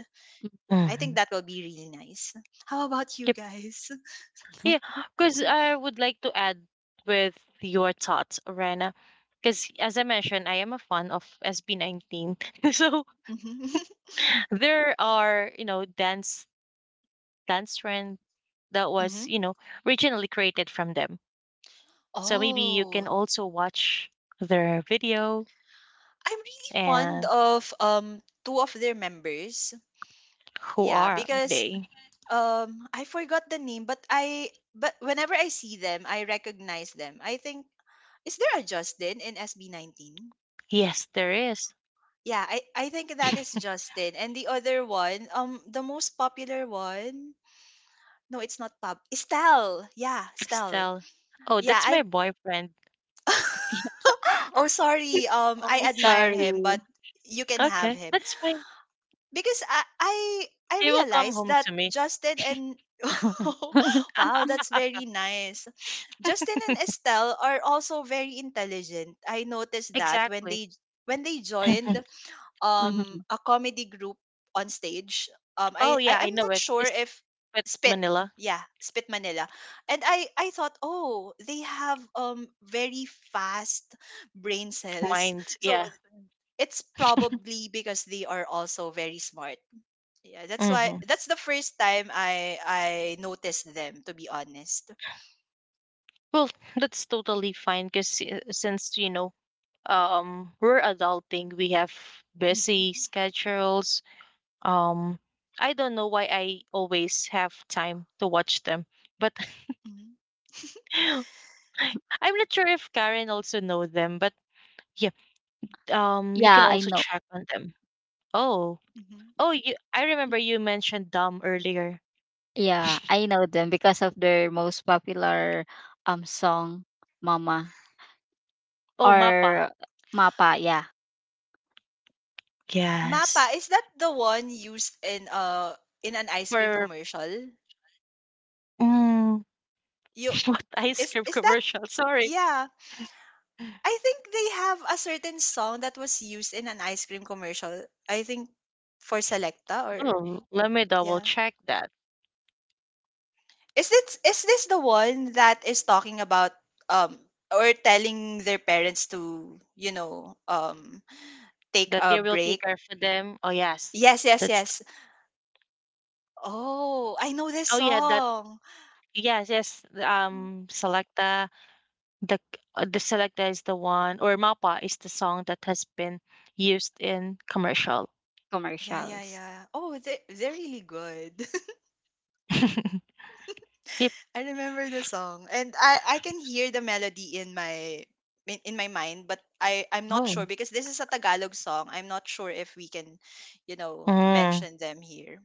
Speaker 2: Yeah, I think
Speaker 1: Mhm.
Speaker 2: that will be really nice. How about you guys?
Speaker 1: Yeah,
Speaker 3: Mhm.
Speaker 1: because I would like to add with your thoughts, Rena. Because as I mentioned, I am a fan of SB19. So
Speaker 2: Mhm.
Speaker 1: there are, dance trend that was,
Speaker 2: Mhm.
Speaker 1: originally created from them. So maybe you can
Speaker 2: Oh,
Speaker 1: also watch their video
Speaker 2: I'm really fond
Speaker 1: and
Speaker 2: of two of their members.
Speaker 1: who
Speaker 2: Yeah,
Speaker 1: are
Speaker 2: because
Speaker 1: they?
Speaker 2: I forgot the name, but I, but whenever I see them, I recognize them. I think, is there a Justin in SB19?
Speaker 1: Yes, there is.
Speaker 2: Yeah, I think that is Justin. And the other one, the most popular one, no, it's not Pub. Estelle. Yeah, Estelle.
Speaker 1: Estelle. Oh,
Speaker 2: Yeah,
Speaker 1: that's my
Speaker 2: I
Speaker 1: boyfriend.
Speaker 2: Oh, sorry. Um, I
Speaker 3: Oh,
Speaker 2: admire him,
Speaker 3: sorry.
Speaker 2: but you can have
Speaker 1: Okay,
Speaker 2: him.
Speaker 1: that's fine.
Speaker 2: Because I
Speaker 1: He will come
Speaker 2: realized
Speaker 1: home
Speaker 2: that
Speaker 1: to me.
Speaker 2: Justin and wow, that's very nice. Justin and Estelle are also very intelligent. I noticed that when
Speaker 1: Exactly.
Speaker 2: they joined
Speaker 3: Mhm.
Speaker 2: a comedy group on stage.
Speaker 1: Oh,
Speaker 2: I
Speaker 1: yeah, I
Speaker 2: am
Speaker 1: know
Speaker 2: not
Speaker 1: it.
Speaker 2: sure
Speaker 1: It's
Speaker 2: if
Speaker 1: with
Speaker 2: Spit,
Speaker 1: Manila.
Speaker 2: yeah, Spit Manila. And I thought, "Oh, they have very fast brain cells."
Speaker 1: Mind,
Speaker 2: So
Speaker 1: yeah.
Speaker 2: it's probably because they are also very smart. Yeah, that's why
Speaker 1: Hmm.
Speaker 2: that's the first time I noticed them, to be honest.
Speaker 1: Well, that's totally fine because since, we're adulting, we have busy
Speaker 2: Mhm.
Speaker 1: schedules. Um, I don't know why I always have time to watch them, but
Speaker 2: Mhm.
Speaker 1: I'm not sure if Karen also know them, but yeah, you can
Speaker 3: Yeah, I
Speaker 1: also
Speaker 3: know.
Speaker 1: check on them. Oh,
Speaker 2: Mhm.
Speaker 1: oh, I remember you mentioned Dom earlier.
Speaker 3: Yeah, I know them because of their most popular song, Mama
Speaker 1: Oh, Mappa.
Speaker 3: or Mapa, yeah,
Speaker 1: Yes.
Speaker 2: Mappa, is that the one used in an ice cream
Speaker 1: For
Speaker 2: commercial?
Speaker 1: mm,
Speaker 2: You
Speaker 1: What ice cream
Speaker 2: is that
Speaker 1: commercial? Sorry.
Speaker 2: Yeah. I think they have a certain song that was used in an ice cream commercial. I think for Selecta or
Speaker 1: Oh, let me double
Speaker 2: yeah.
Speaker 1: check that.
Speaker 2: Is this the one that is talking about um or telling their parents to, you know, um, take
Speaker 1: That
Speaker 2: a
Speaker 1: they will take
Speaker 2: break?
Speaker 1: care for them. Oh yes,
Speaker 2: Yes, yes,
Speaker 1: that's.
Speaker 2: yes. Oh, I know this
Speaker 1: Oh yeah, that.
Speaker 2: song.
Speaker 1: Yes, yes.
Speaker 2: Mm.
Speaker 1: Selecta. The the Selecta is the one, or Mapa is the song that has been used in commercial.
Speaker 2: Yeah, yeah,
Speaker 3: commercials.
Speaker 2: yeah. Oh, they they're really good.
Speaker 1: Yep.
Speaker 2: I remember the song, and I can hear the melody in my in my mind, but I'm not sure
Speaker 1: Oh.
Speaker 2: because this is a Tagalog song. I'm not sure if we can, you know,
Speaker 1: Mm.
Speaker 2: mention them here.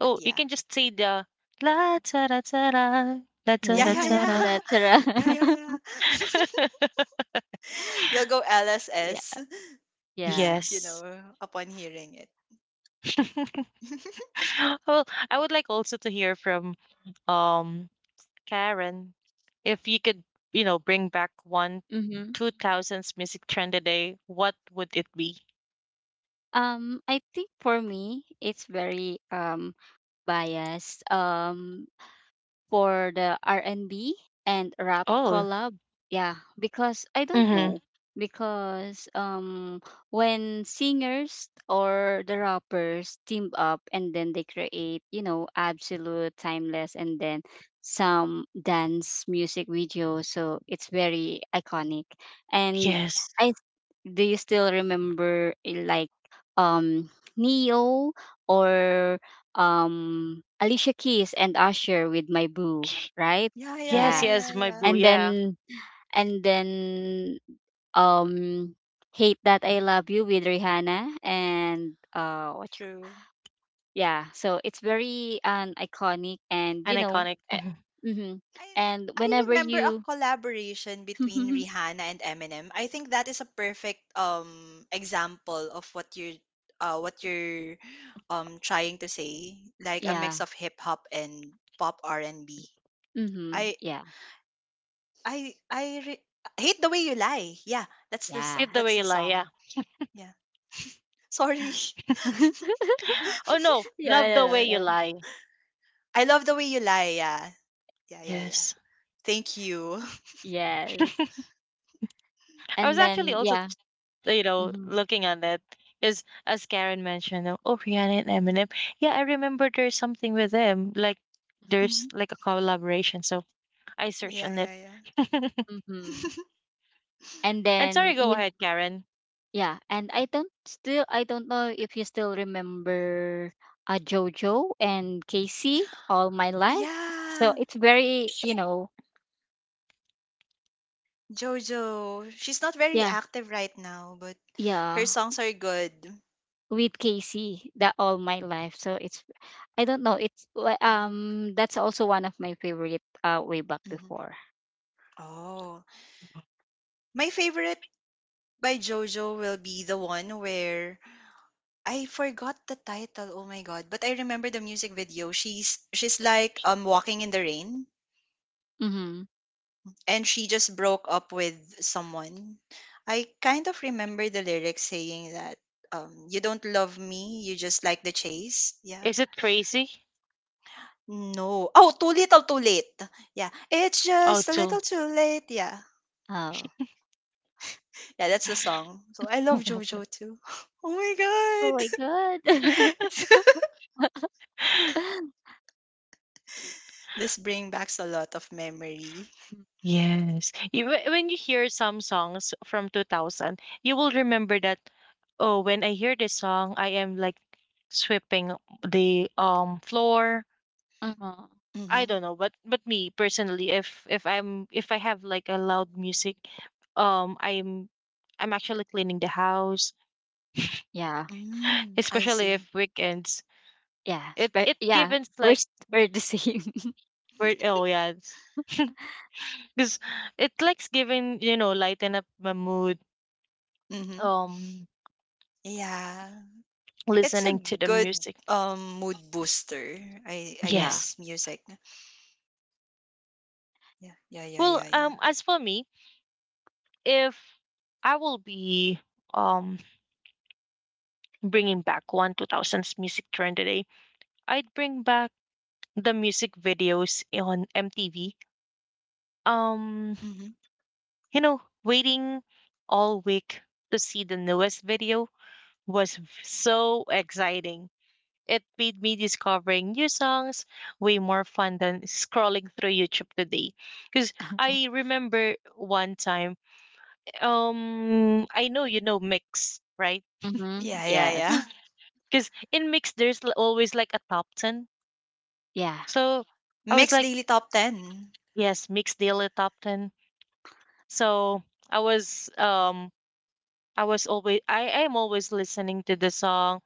Speaker 2: But
Speaker 1: Oh, you
Speaker 2: yeah,
Speaker 1: can just say the la ta ra la ta
Speaker 3: La,
Speaker 2: yeah,
Speaker 1: ra
Speaker 2: yeah,
Speaker 3: la,
Speaker 1: ta
Speaker 3: la,
Speaker 1: ra.
Speaker 3: la,
Speaker 2: yeah,
Speaker 3: tara.
Speaker 2: yeah, yeah, yeah. You'll go
Speaker 3: Yeah,
Speaker 2: LSS just
Speaker 3: yeah.
Speaker 2: you
Speaker 1: Yes.
Speaker 2: know upon hearing it.
Speaker 1: Well, I would like also to hear from um Karen, if you could, bring back one
Speaker 3: Mm-hmm.
Speaker 1: 2000s music trend today, what would it be?
Speaker 3: I think for me, it's very biased. For the R&B and B and rap
Speaker 1: Oh,
Speaker 3: collab. Yeah, because I don't
Speaker 1: mm-hmm.
Speaker 3: know because when singers or the rappers team up and then they create, you know, absolute timeless and then some dance music video, so it's very iconic. And
Speaker 1: Yes.
Speaker 3: I Do you still remember like um Neo or Alicia Keys and Usher with My Boo, right?
Speaker 2: Yeah, yeah,
Speaker 1: Yes,
Speaker 3: Yeah.
Speaker 2: yeah,
Speaker 1: yes,
Speaker 2: yeah,
Speaker 1: my
Speaker 2: yeah.
Speaker 1: boo,
Speaker 3: And
Speaker 1: yeah.
Speaker 3: then and then um Hate That I Love You with Rihanna and what you,
Speaker 2: True.
Speaker 3: yeah, so it's very an iconic and
Speaker 1: An
Speaker 3: you know
Speaker 1: iconic. Mhm.
Speaker 3: mm-hmm.
Speaker 2: I
Speaker 3: And
Speaker 2: I
Speaker 3: whenever
Speaker 2: remember a
Speaker 3: you
Speaker 2: collaboration between Rihanna and Eminem. I think that is a perfect example of what you're what you're trying to say, like a
Speaker 3: yeah,
Speaker 2: mix of hip hop and pop R and B.
Speaker 3: mhm,
Speaker 2: I
Speaker 3: yeah,
Speaker 2: I I re- hate the way you lie. Yeah, that's
Speaker 3: yeah.
Speaker 1: Hit the
Speaker 2: that's
Speaker 1: way you
Speaker 2: the
Speaker 1: lie, yeah.
Speaker 2: song. Yeah, sorry.
Speaker 3: yeah,
Speaker 1: Oh no,
Speaker 3: yeah,
Speaker 1: love the
Speaker 3: yeah.
Speaker 1: way you
Speaker 3: yeah.
Speaker 1: lie.
Speaker 2: I love the way you lie. Yeah, yeah, yeah, yeah.
Speaker 1: Yes.
Speaker 2: Thank you.
Speaker 3: Yes.
Speaker 1: I
Speaker 3: And
Speaker 1: was actually
Speaker 3: then
Speaker 1: also,
Speaker 3: yeah. Mm-hmm.
Speaker 1: looking on it. Is as Karen mentioned, oh Rihanna and Eminem. Yeah, I remember there's something with them. Like there's
Speaker 2: Mhm.
Speaker 1: like a collaboration. So I searched
Speaker 2: Yeah,
Speaker 1: on it.
Speaker 2: yeah,
Speaker 3: Mm-hmm.
Speaker 2: yeah.
Speaker 3: And
Speaker 1: And
Speaker 3: then
Speaker 1: sorry, go
Speaker 3: you
Speaker 1: ahead, Karen.
Speaker 3: Yeah, and I don't know if you still remember Jojo and Casey all my life. So
Speaker 2: Yeah.
Speaker 3: it's very you know
Speaker 2: Jojo, she's not very
Speaker 3: yeah
Speaker 2: active right now, but her
Speaker 3: yeah,
Speaker 2: songs are good.
Speaker 3: with Casey that all my life. So it's I don't know it's
Speaker 2: Mhm.
Speaker 3: that's also one of my favorite way back
Speaker 2: Mhm.
Speaker 3: before.
Speaker 2: Oh, my favorite by Jojo will be the one where I forgot the title. Oh my god! But I remember the music video. She's like walking in the rain,
Speaker 3: Mm-hmm.
Speaker 2: and she just broke up with someone. I kind of remember the lyrics saying that you don't love me, you just like the chase. Yeah.
Speaker 1: Is it crazy?
Speaker 2: No. Oh, Too Little Too Late. Yeah. It's
Speaker 1: Oh,
Speaker 2: just a
Speaker 1: too.
Speaker 2: little too late. Yeah.
Speaker 3: Oh.
Speaker 2: Yeah, that's the song. So I love JoJo too. Oh my
Speaker 3: Oh
Speaker 2: god.
Speaker 3: my god.
Speaker 2: It's this brings back a lot of memory.
Speaker 1: Yes. When you hear some songs from 2000, you will remember that, oh, when I hear this song, I am like sweeping the floor.
Speaker 3: uh
Speaker 1: I
Speaker 2: Mm-hmm.
Speaker 1: don't know, but me personally, if I'm if I have like a loud music, um I'm I'm actually cleaning the house,
Speaker 3: Yeah.
Speaker 2: Mm, I
Speaker 1: especially
Speaker 2: see.
Speaker 1: if weekends. It it
Speaker 3: Yeah,
Speaker 1: gives like
Speaker 3: we're the same.
Speaker 1: weird. Oh yes. because it likes giving lighten up my mood
Speaker 2: Mm-hmm.
Speaker 1: um
Speaker 2: Yeah. It's a
Speaker 1: listening to the
Speaker 2: good
Speaker 1: music.
Speaker 2: mood booster, I
Speaker 3: yeah.
Speaker 1: Yes.
Speaker 2: guess. Music. Yeah, yeah, yeah,
Speaker 1: well
Speaker 2: yeah, yeah.
Speaker 1: um as for me, if I will be um bringing back one 2000s music trend today, I'd bring back the music videos on MTV. um
Speaker 2: Mm-hmm.
Speaker 1: you know, waiting all week to see the newest video was so exciting. It made me discovering new songs way more fun than scrolling through YouTube today. Because I remember one time, I know you know Mix, right?
Speaker 3: Mm-hmm.
Speaker 2: Yeah, yeah, yeah.
Speaker 3: Yes.
Speaker 1: Because in Mix, there's always like a top 10.
Speaker 3: Yeah,
Speaker 1: So I was
Speaker 2: Mixed
Speaker 1: like,
Speaker 2: daily top ten.
Speaker 1: yes, Mix Daily Top 10. So I was, I am always listening to the song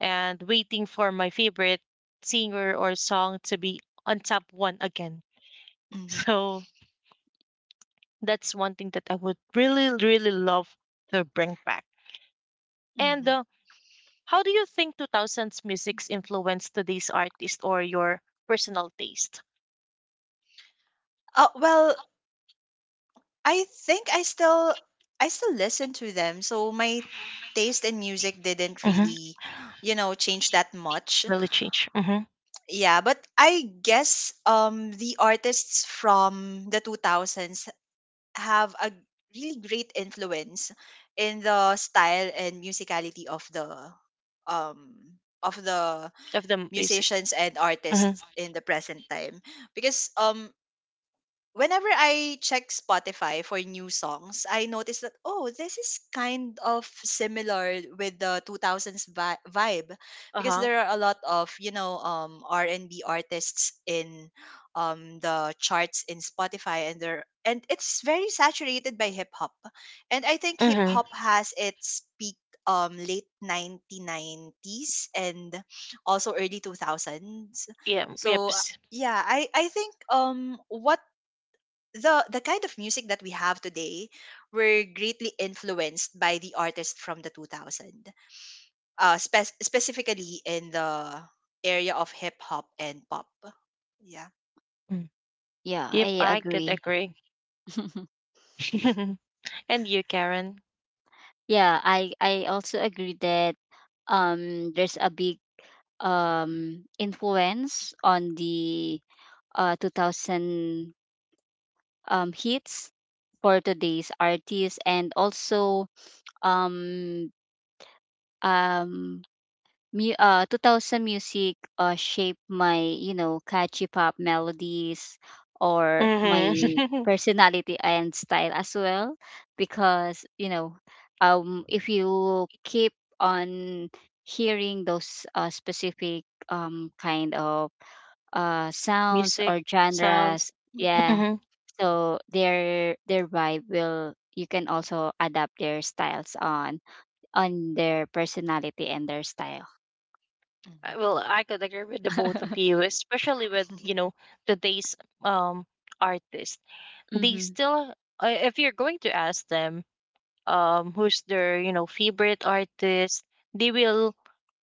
Speaker 1: and waiting for my favorite singer or song to be on top one again.
Speaker 2: Mm-hmm.
Speaker 1: So that's one thing that I would really, really love to bring back. And
Speaker 2: Mm-hmm.
Speaker 1: how do you think 2000s music's influenced today's artist or your personal taste?
Speaker 2: Well, I think I still listen to them. So my taste in music didn't
Speaker 1: Mm-hmm.
Speaker 2: really, you know, change that much.
Speaker 1: Really change. Hmm.
Speaker 2: Yeah, but I guess the artists from the 2000s have a really great influence in the style and musicality of the um of the
Speaker 1: Of the music.
Speaker 2: musicians and
Speaker 1: Hmm.
Speaker 2: artists in the present time because whenever I check Spotify for new songs, I notice that oh, this is kind of similar with the 2000s vibe
Speaker 1: Uh
Speaker 2: because
Speaker 1: huh.
Speaker 2: there are a lot of, you know, R&B artists in the charts in Spotify and there and it's very saturated by hip hop. And I think hip
Speaker 1: Hmm.
Speaker 2: hop has its peak late 1990s and also early 2000s.
Speaker 1: Yeah. Yep.
Speaker 2: So
Speaker 1: s-
Speaker 2: yeah, I think what the kind of music that we have today were greatly influenced by the artists from the 2000s specifically in the area of hip hop and pop. Yeah.
Speaker 1: mm.
Speaker 3: yeah,
Speaker 1: Yep,
Speaker 3: I
Speaker 1: I could
Speaker 3: agree.
Speaker 1: agree. And you, Karen.
Speaker 3: yeah, I also agree that there's a big influence on the 2000 hits for today's artists and also um um 2000 music shaped my, you know, catchy pop melodies or my
Speaker 1: Hmm.
Speaker 3: personality and style as well. Because, you know, if you keep on hearing those specific kind of sounds
Speaker 1: Music
Speaker 3: or
Speaker 1: sounds.
Speaker 3: genres,
Speaker 2: Hmm.
Speaker 3: yeah,
Speaker 1: Hmm.
Speaker 3: so their vibe will you can also adapt their styles on their personality and their style.
Speaker 2: Hmm.
Speaker 1: Well, I could agree with the both of you, especially with today's artists. They
Speaker 3: hmm
Speaker 1: still, if you're going to ask them who's their favorite artist, they will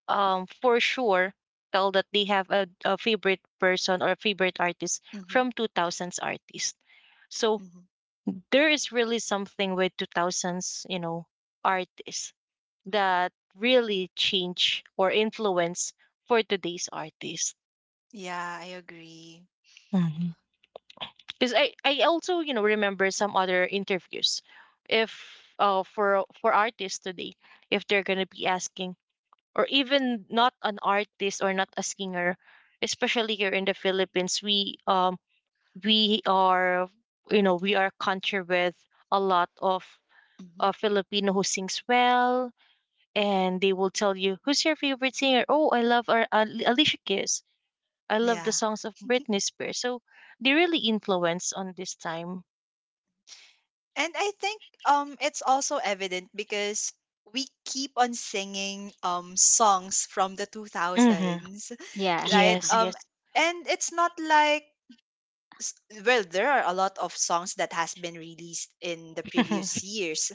Speaker 1: for sure tell that they have a favorite person or favorite artist
Speaker 2: Hmm.
Speaker 1: from 2000s artist. So
Speaker 2: Hmm.
Speaker 1: there is really something with 2000s artists that really change or influence for today's artist.
Speaker 2: Yeah, I agree.
Speaker 1: Because I also remember some other interviews if for artists today, if they're gonna be asking, or even not an artist or not a singer. Especially here in the Philippines, we we are, we are a country with a lot of
Speaker 2: Hmm.
Speaker 1: Filipino who sings well. And they will tell you, who's your favorite singer? Oh, I love our, Alicia Keys. I love
Speaker 2: Yeah,
Speaker 1: the songs of Britney Spears. So they really influence on this time.
Speaker 2: and I think it's also evident because we keep on singing songs from the
Speaker 1: Mm-hmm.
Speaker 2: 2000s,
Speaker 3: Yeah.
Speaker 2: right?
Speaker 1: Yes, yes.
Speaker 2: And it's not like s- well, there are a lot of songs that has been released in the previous years,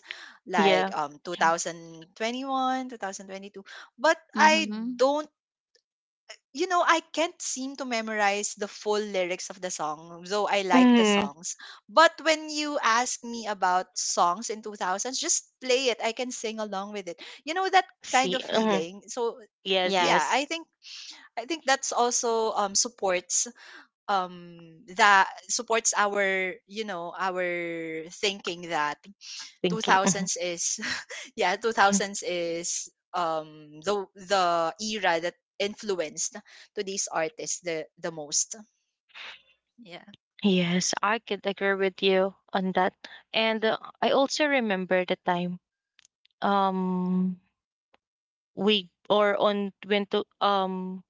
Speaker 2: like
Speaker 1: Yeah.
Speaker 2: 2021, 2022, but I
Speaker 3: Mhm.
Speaker 2: don't, you know, I can't seem to memorize the full lyrics of the song, though I like the
Speaker 1: Mm-hmm.
Speaker 2: songs. But when you ask me about songs in 2000s, just play it, I can sing along with it. You know that kind
Speaker 1: See.
Speaker 2: of
Speaker 1: Mhm.
Speaker 2: feeling. So
Speaker 1: Yes,
Speaker 3: Yeah.
Speaker 2: yeah,
Speaker 1: yes.
Speaker 2: I think that's also supports that supports our, you know, our thinking that
Speaker 1: Thinking. Mhm.
Speaker 2: 2000s is yeah, 2000s is the era that influenced to these artists the most. Yeah.
Speaker 1: Yes, I could agree with you on that. And I also remember the time um we or on when to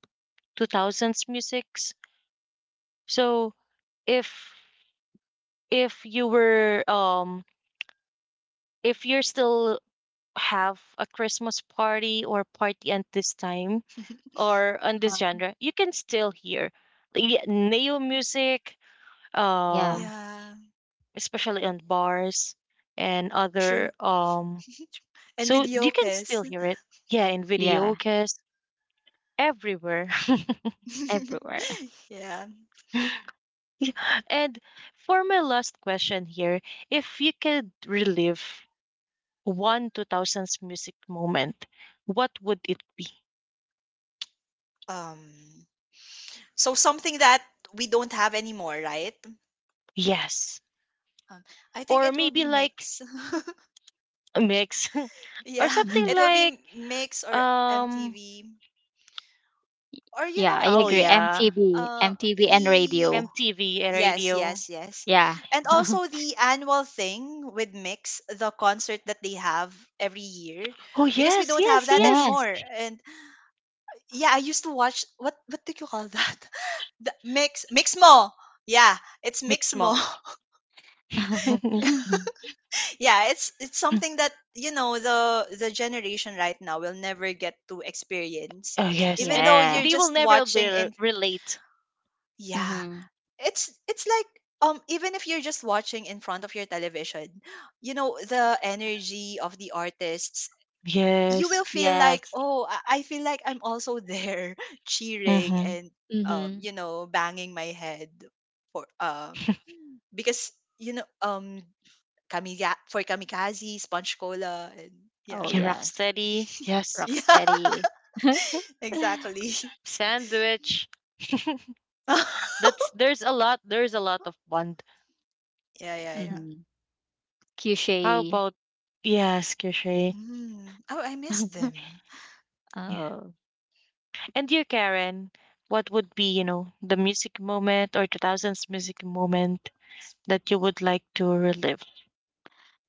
Speaker 1: 2000s musics. So if if you were if you're still have a Christmas party or party at this time or on this
Speaker 3: Uh-huh.
Speaker 1: genre, you can still hear the neo music,
Speaker 3: Yeah.
Speaker 1: um,
Speaker 2: Yeah.
Speaker 1: especially on bars and other.
Speaker 2: True. And
Speaker 1: So
Speaker 2: video
Speaker 1: you can still
Speaker 2: kiss.
Speaker 1: hear it. Yeah, in
Speaker 3: Yeah.
Speaker 1: videocast, everywhere.
Speaker 3: Everywhere.
Speaker 2: Yeah.
Speaker 1: Yeah, and for my last question here, if you could relive one 2000s music moment, what would it be?
Speaker 2: um so something that we don't have anymore, right?
Speaker 1: Yes.
Speaker 2: um, I think
Speaker 1: Or
Speaker 2: it will
Speaker 1: maybe
Speaker 2: be
Speaker 1: like
Speaker 2: Mix.
Speaker 1: a mix. Or
Speaker 2: Yeah,
Speaker 1: something
Speaker 3: Mhm.
Speaker 2: it will
Speaker 1: like.
Speaker 2: be Mix or
Speaker 1: um
Speaker 2: MTV, or you
Speaker 3: Yeah,
Speaker 2: know,
Speaker 3: I
Speaker 1: oh
Speaker 2: the
Speaker 3: agree.
Speaker 1: yeah,
Speaker 3: MTV,
Speaker 2: uh
Speaker 3: MTV and
Speaker 2: the
Speaker 3: radio.
Speaker 1: MTV and
Speaker 2: yes,
Speaker 1: radio.
Speaker 2: yes, yes.
Speaker 3: Yeah.
Speaker 2: And also the annual thing with Mix, the concert that they have every year,
Speaker 1: Oh
Speaker 2: because we
Speaker 1: yes,
Speaker 2: don't
Speaker 1: yes,
Speaker 2: have that
Speaker 1: yes.
Speaker 3: Yes.
Speaker 2: anymore. And yeah, I used to watch, what do you call that, the Mix Mixmo. Yeah, it's
Speaker 1: Mix mo.
Speaker 2: Mixmo.
Speaker 1: Oh
Speaker 2: Yeah, it's something that, you know, the generation right now will never get to experience
Speaker 1: yes,
Speaker 2: even
Speaker 1: and
Speaker 2: though
Speaker 3: Yeah.
Speaker 2: you're
Speaker 1: they will
Speaker 2: just
Speaker 1: never
Speaker 2: watching. And
Speaker 1: relate.
Speaker 2: yeah,
Speaker 3: Mhm.
Speaker 2: it's like, even if you're just watching in front of your television, you know, the energy of the artists, you
Speaker 1: Yes.
Speaker 2: will feel like,
Speaker 3: Yes.
Speaker 2: oh, I feel like I'm also there, cheering
Speaker 1: Mm-hmm.
Speaker 2: and
Speaker 3: Mhm.
Speaker 2: you know, banging my head for because you know, kamikaze, Sponge Cola, and
Speaker 3: Oh,
Speaker 2: yeah.
Speaker 1: Yeah,
Speaker 3: yes.
Speaker 1: Rocksteady. Yes.
Speaker 2: Yeah,
Speaker 3: Rocksteady.
Speaker 2: exactly.
Speaker 1: Sandwich. That's There's a lot. There's a lot of bond.
Speaker 2: Yeah, yeah, yeah.
Speaker 3: Mhm.
Speaker 1: How
Speaker 3: Cliche.
Speaker 1: about yes, Kishay.
Speaker 2: Mm. Oh, I miss them.
Speaker 1: Yeah.
Speaker 3: Oh,
Speaker 1: And you, Karen, what would be the music moment or 2000s music moment that you would like to relive?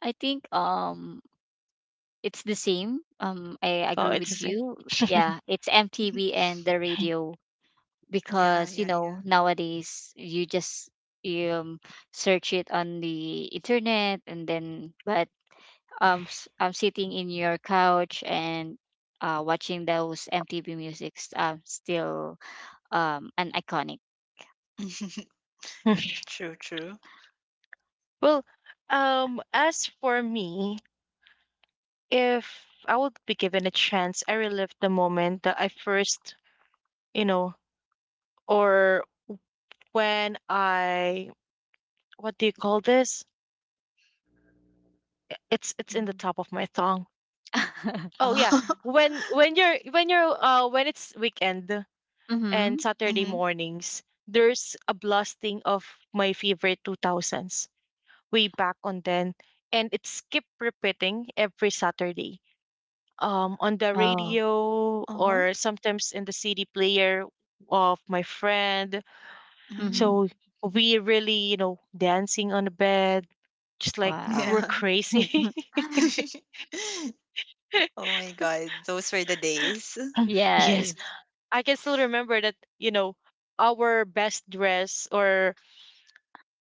Speaker 3: I think it's the same. I
Speaker 1: Oh,
Speaker 3: agree with
Speaker 1: it's.
Speaker 3: you. Yeah, it's MTV and the radio.
Speaker 2: Yeah,
Speaker 3: Because you
Speaker 2: yeah, yeah.
Speaker 3: know nowadays you um, search it on the internet and then but I'm sitting in your couch and watching those MTV musics still an iconic.
Speaker 2: True, true.
Speaker 1: Well, as for me, if I would be given a chance, I relive the moment that I first, you know, or when I, what do you call this? It's in the
Speaker 2: Mm.
Speaker 1: top of my tongue. Oh yeah,
Speaker 2: Uh,
Speaker 1: when it's weekend
Speaker 3: Mm-hmm.
Speaker 1: and Saturday
Speaker 2: Mm-hmm.
Speaker 1: mornings, there's a blasting of my favorite 2000s way back on then, and it keep repeating every Saturday, on the
Speaker 3: oh.
Speaker 1: radio
Speaker 2: uh, huh
Speaker 1: or sometimes in the CD player of my friend.
Speaker 3: Mm-hmm.
Speaker 2: Mm.
Speaker 1: So we really, you know, dancing on the bed, just like
Speaker 3: Wow.
Speaker 2: Yeah.
Speaker 1: we're crazy.
Speaker 2: Oh my God, those were the days.
Speaker 1: Um, yes,
Speaker 3: yes.
Speaker 1: I can still remember that. You know, our best dress or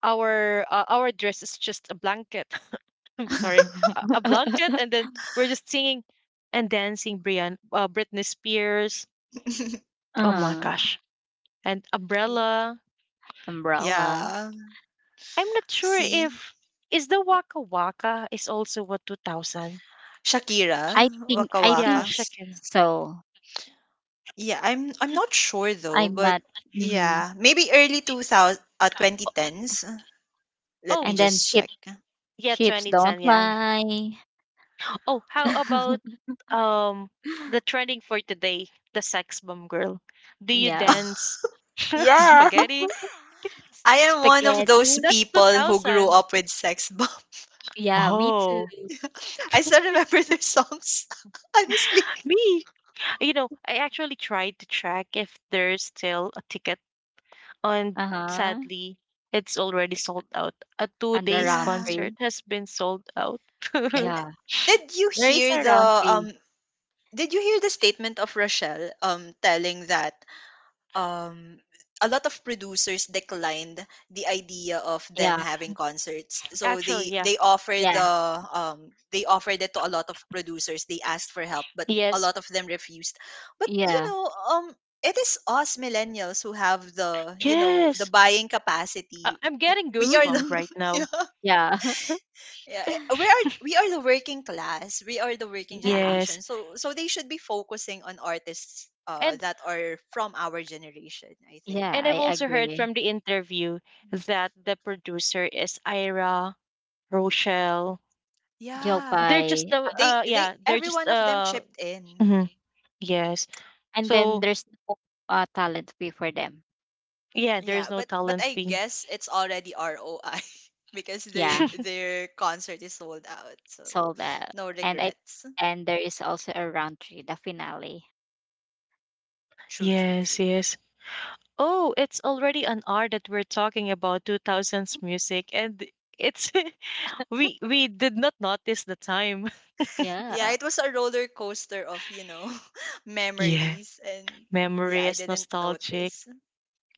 Speaker 1: our dress is just a blanket. I'm sorry, a blanket, and then we're just singing and dancing. Brian, Britney Spears. Oh my
Speaker 3: uh,
Speaker 1: gosh, and
Speaker 2: Y-
Speaker 1: Umbrella.
Speaker 3: umbrella.
Speaker 2: Yeah.
Speaker 1: I'm not sure
Speaker 2: See?
Speaker 1: if is the Waka Waka is also what 2000?
Speaker 2: Shakira, Waka
Speaker 3: I
Speaker 1: Yeah,
Speaker 3: think
Speaker 2: Waka.
Speaker 1: Shakira.
Speaker 3: so.
Speaker 2: Yeah, I'm not sure though,
Speaker 3: I'm
Speaker 2: but
Speaker 3: not. hmm
Speaker 2: yeah, maybe early 2000s
Speaker 1: Oh,
Speaker 2: 2010s. Let
Speaker 1: oh,
Speaker 2: me
Speaker 3: And then
Speaker 2: just check.
Speaker 1: yeah,
Speaker 3: ships
Speaker 1: 2010.
Speaker 3: don't
Speaker 1: Yeah, yeah.
Speaker 3: lie.
Speaker 1: Oh, how about um the trending for today, the sex bomb girl? Do you
Speaker 3: Yeah.
Speaker 1: dance
Speaker 2: Yeah.
Speaker 1: spaghetti?
Speaker 2: I am one of those
Speaker 3: Spaghetti.
Speaker 1: That's
Speaker 2: people who grew
Speaker 1: 2000.
Speaker 2: up with Sex Bomb.
Speaker 3: Yeah, me
Speaker 1: Oh,
Speaker 3: too.
Speaker 2: I still remember their songs, honestly.
Speaker 1: me. You know, I actually tried to track if there's still a ticket. And
Speaker 3: Uh-huh.
Speaker 1: sadly, it's already sold out. A two
Speaker 3: And the
Speaker 1: days
Speaker 3: round
Speaker 2: Yeah.
Speaker 1: concert
Speaker 3: tree.
Speaker 1: has been sold out.
Speaker 2: And
Speaker 3: Yeah.
Speaker 2: did you
Speaker 3: There is
Speaker 2: hear
Speaker 3: a
Speaker 2: the
Speaker 3: round tree.
Speaker 2: um statement of Rochelle telling that um a lot of producers declined the idea of them
Speaker 3: Yeah.
Speaker 2: having concerts. So
Speaker 1: Actually,
Speaker 2: they
Speaker 1: yeah.
Speaker 2: they offered
Speaker 3: Yeah.
Speaker 2: it to a lot of producers. They asked for help, but a
Speaker 1: Yes.
Speaker 2: lot of them refused. But you
Speaker 3: Yeah.
Speaker 2: know, it is us millennials who have the, you know, the
Speaker 1: Yes.
Speaker 2: buying capacity.
Speaker 1: I'm getting
Speaker 2: We are the
Speaker 1: goosebump
Speaker 3: Mm-hmm.
Speaker 1: right
Speaker 2: yeah.
Speaker 1: now.
Speaker 3: Yeah.
Speaker 2: Yeah, we are the working class, we are the working
Speaker 3: Yeah.
Speaker 1: Yes.
Speaker 2: generation, so so they should be focusing on artists
Speaker 1: And
Speaker 2: that are from our generation, I think.
Speaker 3: Yeah,
Speaker 1: I've
Speaker 3: I
Speaker 1: also heard
Speaker 3: agree.
Speaker 1: from the interview that the producer is Ira Rochelle.
Speaker 2: Yeah,
Speaker 1: They're
Speaker 3: Jopay.
Speaker 1: just
Speaker 2: they
Speaker 1: yeah, they're
Speaker 2: every
Speaker 1: just
Speaker 2: one of them chipped in.
Speaker 1: mhm, yes.
Speaker 3: And then
Speaker 1: So
Speaker 3: there's no talent fee for them.
Speaker 1: yeah, there's
Speaker 2: Yeah,
Speaker 1: no
Speaker 2: but
Speaker 1: talent
Speaker 2: I
Speaker 1: fee.
Speaker 2: guess it's already ROI because their
Speaker 3: Yeah.
Speaker 2: their concert is sold out, so
Speaker 3: So that
Speaker 2: no
Speaker 3: and I
Speaker 2: regrets.
Speaker 3: and there is also a round tree, the finale.
Speaker 2: True, true,
Speaker 1: Yes,
Speaker 2: true.
Speaker 1: yes. Oh, it's already an hour that we're talking about 2000s music and it's we did not notice the time.
Speaker 2: Yeah,
Speaker 3: Yeah.
Speaker 2: it was a roller coaster of, you know,
Speaker 1: Yeah,
Speaker 2: memories, and yeah,
Speaker 1: memory
Speaker 2: I
Speaker 1: is
Speaker 2: didn't
Speaker 1: nostalgic.
Speaker 2: notice.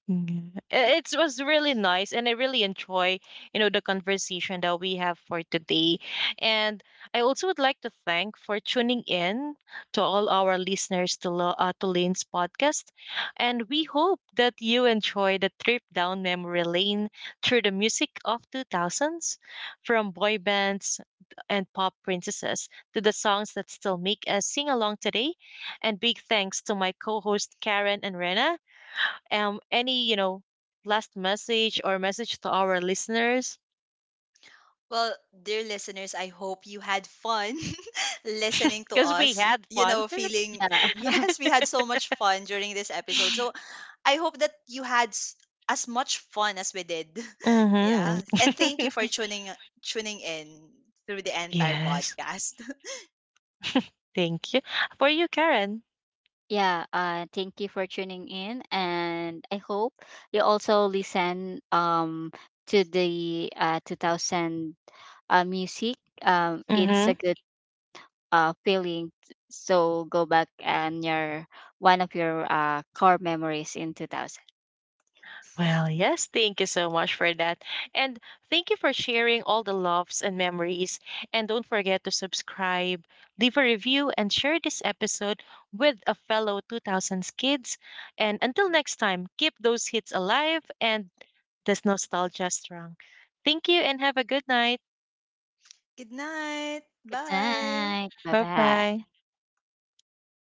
Speaker 1: Yeah. It was really nice, and I really enjoy, you know, the conversation that we have for today. And I also would like to thank for tuning in to all our listeners to to Lane's podcast, and we hope that you enjoy the trip down memory lane through the music of two thousands, from boy bands and pop princesses to the songs that still make us sing along today. And big thanks to my co-host Karen and Rena. Any last message or message to our listeners,
Speaker 2: Well, dear listeners, I hope you had fun listening to
Speaker 1: because we
Speaker 2: us.
Speaker 1: had
Speaker 2: You
Speaker 1: fun.
Speaker 2: know, feeling,
Speaker 3: Yeah.
Speaker 2: yes, we had so much fun during this episode. So I hope that you had as much fun as we did. Yeah.
Speaker 1: Hmm.
Speaker 2: And thank you for tuning in through the entire
Speaker 1: Yes,
Speaker 2: podcast.
Speaker 1: thank you for you Karen.
Speaker 3: Yeah, thank you for tuning in, and I hope you also listen to the 2000 music. It's
Speaker 1: Hmm.
Speaker 3: a good feeling. So go back and your one of your core memories in 2000.
Speaker 1: Well yes, thank you so much for that. And thank you for sharing all the loves and memories. And don't forget to subscribe, leave a review and share this episode with a fellow 2000s kids. And until next time, keep those hits alive and this nostalgia strong. Thank you and have a good night.
Speaker 2: Good night.
Speaker 3: Good
Speaker 2: Bye.
Speaker 3: night. Bye
Speaker 1: Bye
Speaker 3: bye.
Speaker 1: bye.